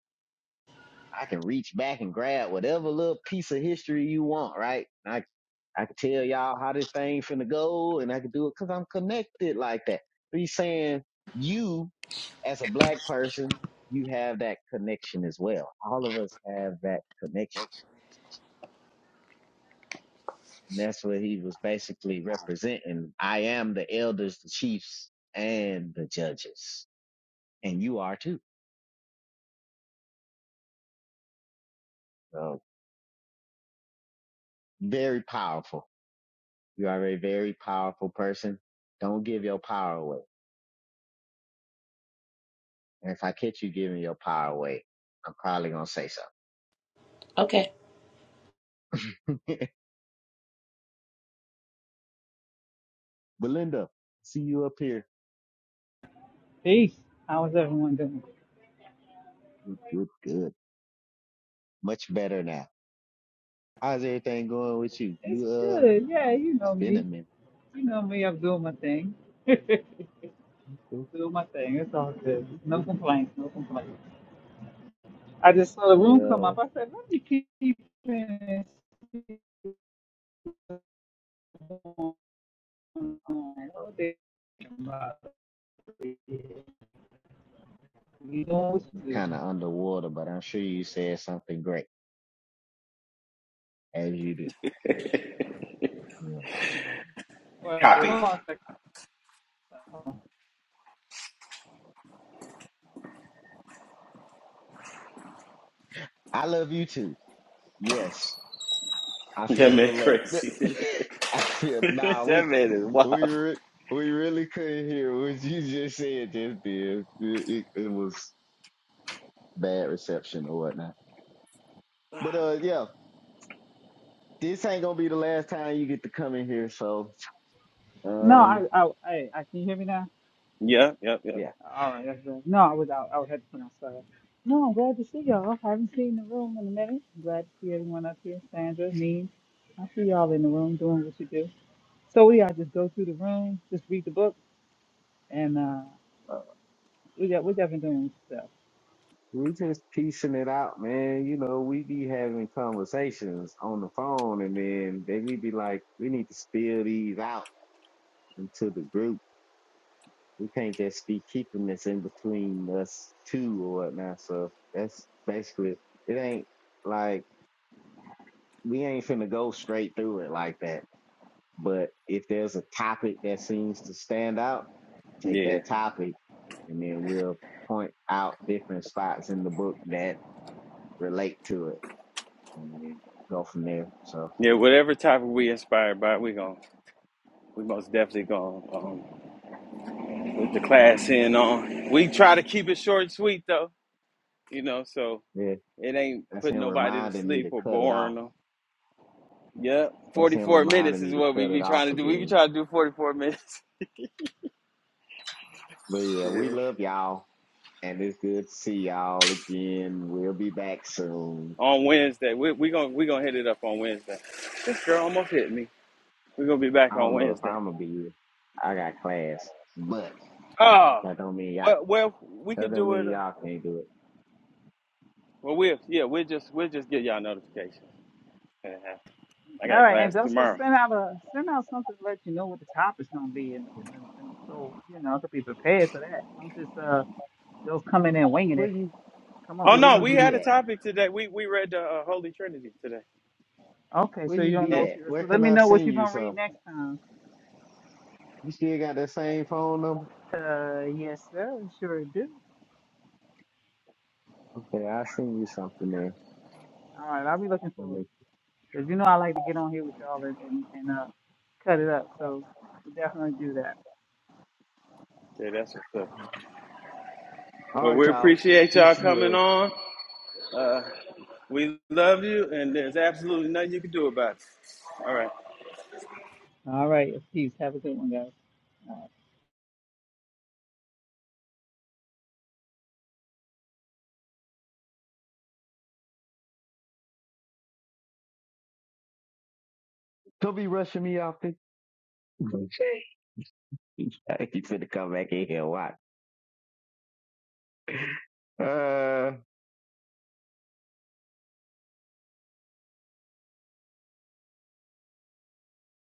Speaker 1: I can reach back and grab whatever little piece of history you want, right? I I can tell y'all how this thing finna go, and I can do it because I'm connected like that. But he's saying you, as a black person, you have that connection as well. All of us have that connection. And that's what he was basically representing. I am the elders, the chiefs, and the judges, and you are too. So very powerful. You are a very powerful person. Don't give your power away. And if I catch you giving your power away, I'm probably gonna say something.
Speaker 3: Okay.
Speaker 1: Belinda, see you up here.
Speaker 7: Peace. How is everyone doing?
Speaker 1: Good, good, good. Much better now. How's everything going with you?
Speaker 7: It's
Speaker 1: You, uh,
Speaker 7: good. Yeah, you
Speaker 1: it's
Speaker 7: know
Speaker 1: been a
Speaker 7: me.
Speaker 1: minute.
Speaker 7: You know me. I'm doing my thing.
Speaker 1: Okay,
Speaker 7: Doing my thing. It's all
Speaker 1: okay,
Speaker 7: good. No
Speaker 1: okay.
Speaker 7: complaints. No complaints. I just saw the room come up.
Speaker 1: Well,
Speaker 7: I said, let me keep in and see what they about. You know what to do.
Speaker 1: kind of underwater, but I'm sure you said something great as you do. Yeah.
Speaker 7: Well,
Speaker 2: Right.
Speaker 7: hold on a second.
Speaker 1: I love you too. Yes, I
Speaker 2: That
Speaker 1: feel the
Speaker 2: man
Speaker 1: love.
Speaker 2: crazy.
Speaker 1: I feel nah.
Speaker 2: that
Speaker 1: We
Speaker 2: man is wild.
Speaker 1: we re- we really couldn't hear what you just said. Just then, it, it, it was bad reception or whatnot. But uh, yeah. this ain't gonna be the last time you get to come in here. So,
Speaker 7: No,
Speaker 1: um,
Speaker 7: I, I, I, I can you hear me now?
Speaker 2: yep, yep, yep.
Speaker 1: yeah,
Speaker 7: All right, that's good. No, I was out. I had to put on stuff. No, I'm glad to see y'all. I haven't seen the room in a minute. I'm glad to see everyone up here. Sandra, me. I see y'all in the room doing what you do. So we all just go through the room, just read the book, and uh,
Speaker 1: uh,
Speaker 7: we got we got been doing stuff.
Speaker 1: we just piecing it out, man. You know, we be having conversations on the phone, and then they we be like, we need to spill these out into the group. We can't just be keeping this in between us two or whatnot. So that's basically it. It Ain't like we ain't finna go straight through it like that. But if there's a topic that seems to stand out take
Speaker 2: Yeah.
Speaker 1: that topic and then we'll point out different spots in the book that relate to it and then go from there. So
Speaker 2: Yeah, whatever topic we inspired by, we gon' we most definitely gonna um put the class in on. We try to keep it short and sweet though, you know, so
Speaker 1: yeah,
Speaker 2: it ain't
Speaker 1: that's him
Speaker 2: putting nobody to
Speaker 1: reminding me
Speaker 2: sleep
Speaker 1: to
Speaker 2: or
Speaker 1: cut it off.
Speaker 2: boring them. Yep.
Speaker 1: That's
Speaker 2: Forty
Speaker 1: him
Speaker 2: four
Speaker 1: reminding
Speaker 2: minutes
Speaker 1: me
Speaker 2: is
Speaker 1: to
Speaker 2: what we
Speaker 1: cut it
Speaker 2: be trying
Speaker 1: off
Speaker 2: to do. We be
Speaker 1: again.
Speaker 2: trying to do forty four minutes.
Speaker 1: But yeah, we
Speaker 2: Yeah.
Speaker 1: love y'all and it's good to see y'all again. We'll be back soon.
Speaker 2: On Wednesday. We we gonna we gonna hit it up on Wednesday. This girl almost hit me. we gonna be back
Speaker 1: I
Speaker 2: on
Speaker 1: don't know if
Speaker 2: Wednesday.
Speaker 1: I'm gonna be here. I got class, but
Speaker 2: Oh,
Speaker 1: that don't mean y'all,
Speaker 2: well, well, we
Speaker 1: that
Speaker 2: could
Speaker 1: don't
Speaker 2: do it.
Speaker 1: mean
Speaker 2: uh,
Speaker 1: y'all can't do it.
Speaker 2: Well, we'll yeah, we'll just we'll just get y'all notification. Uh-huh. I
Speaker 7: All
Speaker 2: got
Speaker 7: right,
Speaker 2: class
Speaker 7: and also
Speaker 2: tomorrow.
Speaker 7: send out a send out something to let you know what the topic's gonna be, and, and, and so you know to be prepared for that. Don't just uh those coming in and winging
Speaker 1: Where
Speaker 7: it.
Speaker 1: you,
Speaker 7: Come up
Speaker 2: Oh
Speaker 7: with
Speaker 1: where
Speaker 2: no,
Speaker 1: you
Speaker 2: we
Speaker 7: something.
Speaker 1: be
Speaker 2: had a
Speaker 1: at?
Speaker 2: topic today. We we read the uh, Holy Trinity today.
Speaker 7: Okay,
Speaker 1: Where
Speaker 7: so you
Speaker 1: you
Speaker 7: don't know
Speaker 1: be
Speaker 2: And
Speaker 7: what
Speaker 1: at?
Speaker 7: you.
Speaker 1: Where
Speaker 7: So let
Speaker 1: can
Speaker 7: me
Speaker 1: I
Speaker 7: know what
Speaker 1: send
Speaker 7: you're
Speaker 1: you
Speaker 7: gonna read
Speaker 1: some?
Speaker 7: next time.
Speaker 1: You still got that same phone number?
Speaker 7: Uh, yes, sir. Sure do.
Speaker 1: Okay, I send you something, man.
Speaker 7: All right, I'll be looking
Speaker 1: Let
Speaker 7: forward.
Speaker 1: me-
Speaker 7: Cause you know I like to get on here with y'all and and, and uh cut it up. So we definitely do that.
Speaker 2: yeah, that's what's up.
Speaker 1: All
Speaker 2: Well,
Speaker 1: right,
Speaker 2: we
Speaker 1: y'all.
Speaker 2: appreciate y'all
Speaker 1: Peace and
Speaker 2: coming
Speaker 1: love.
Speaker 2: on. Uh, we love you, and there's absolutely nothing you can do about it. All right.
Speaker 7: All right, peace. Have a good one, guys.
Speaker 1: Don't be rushing me off this. he finna come back in here. and Watch. Uh,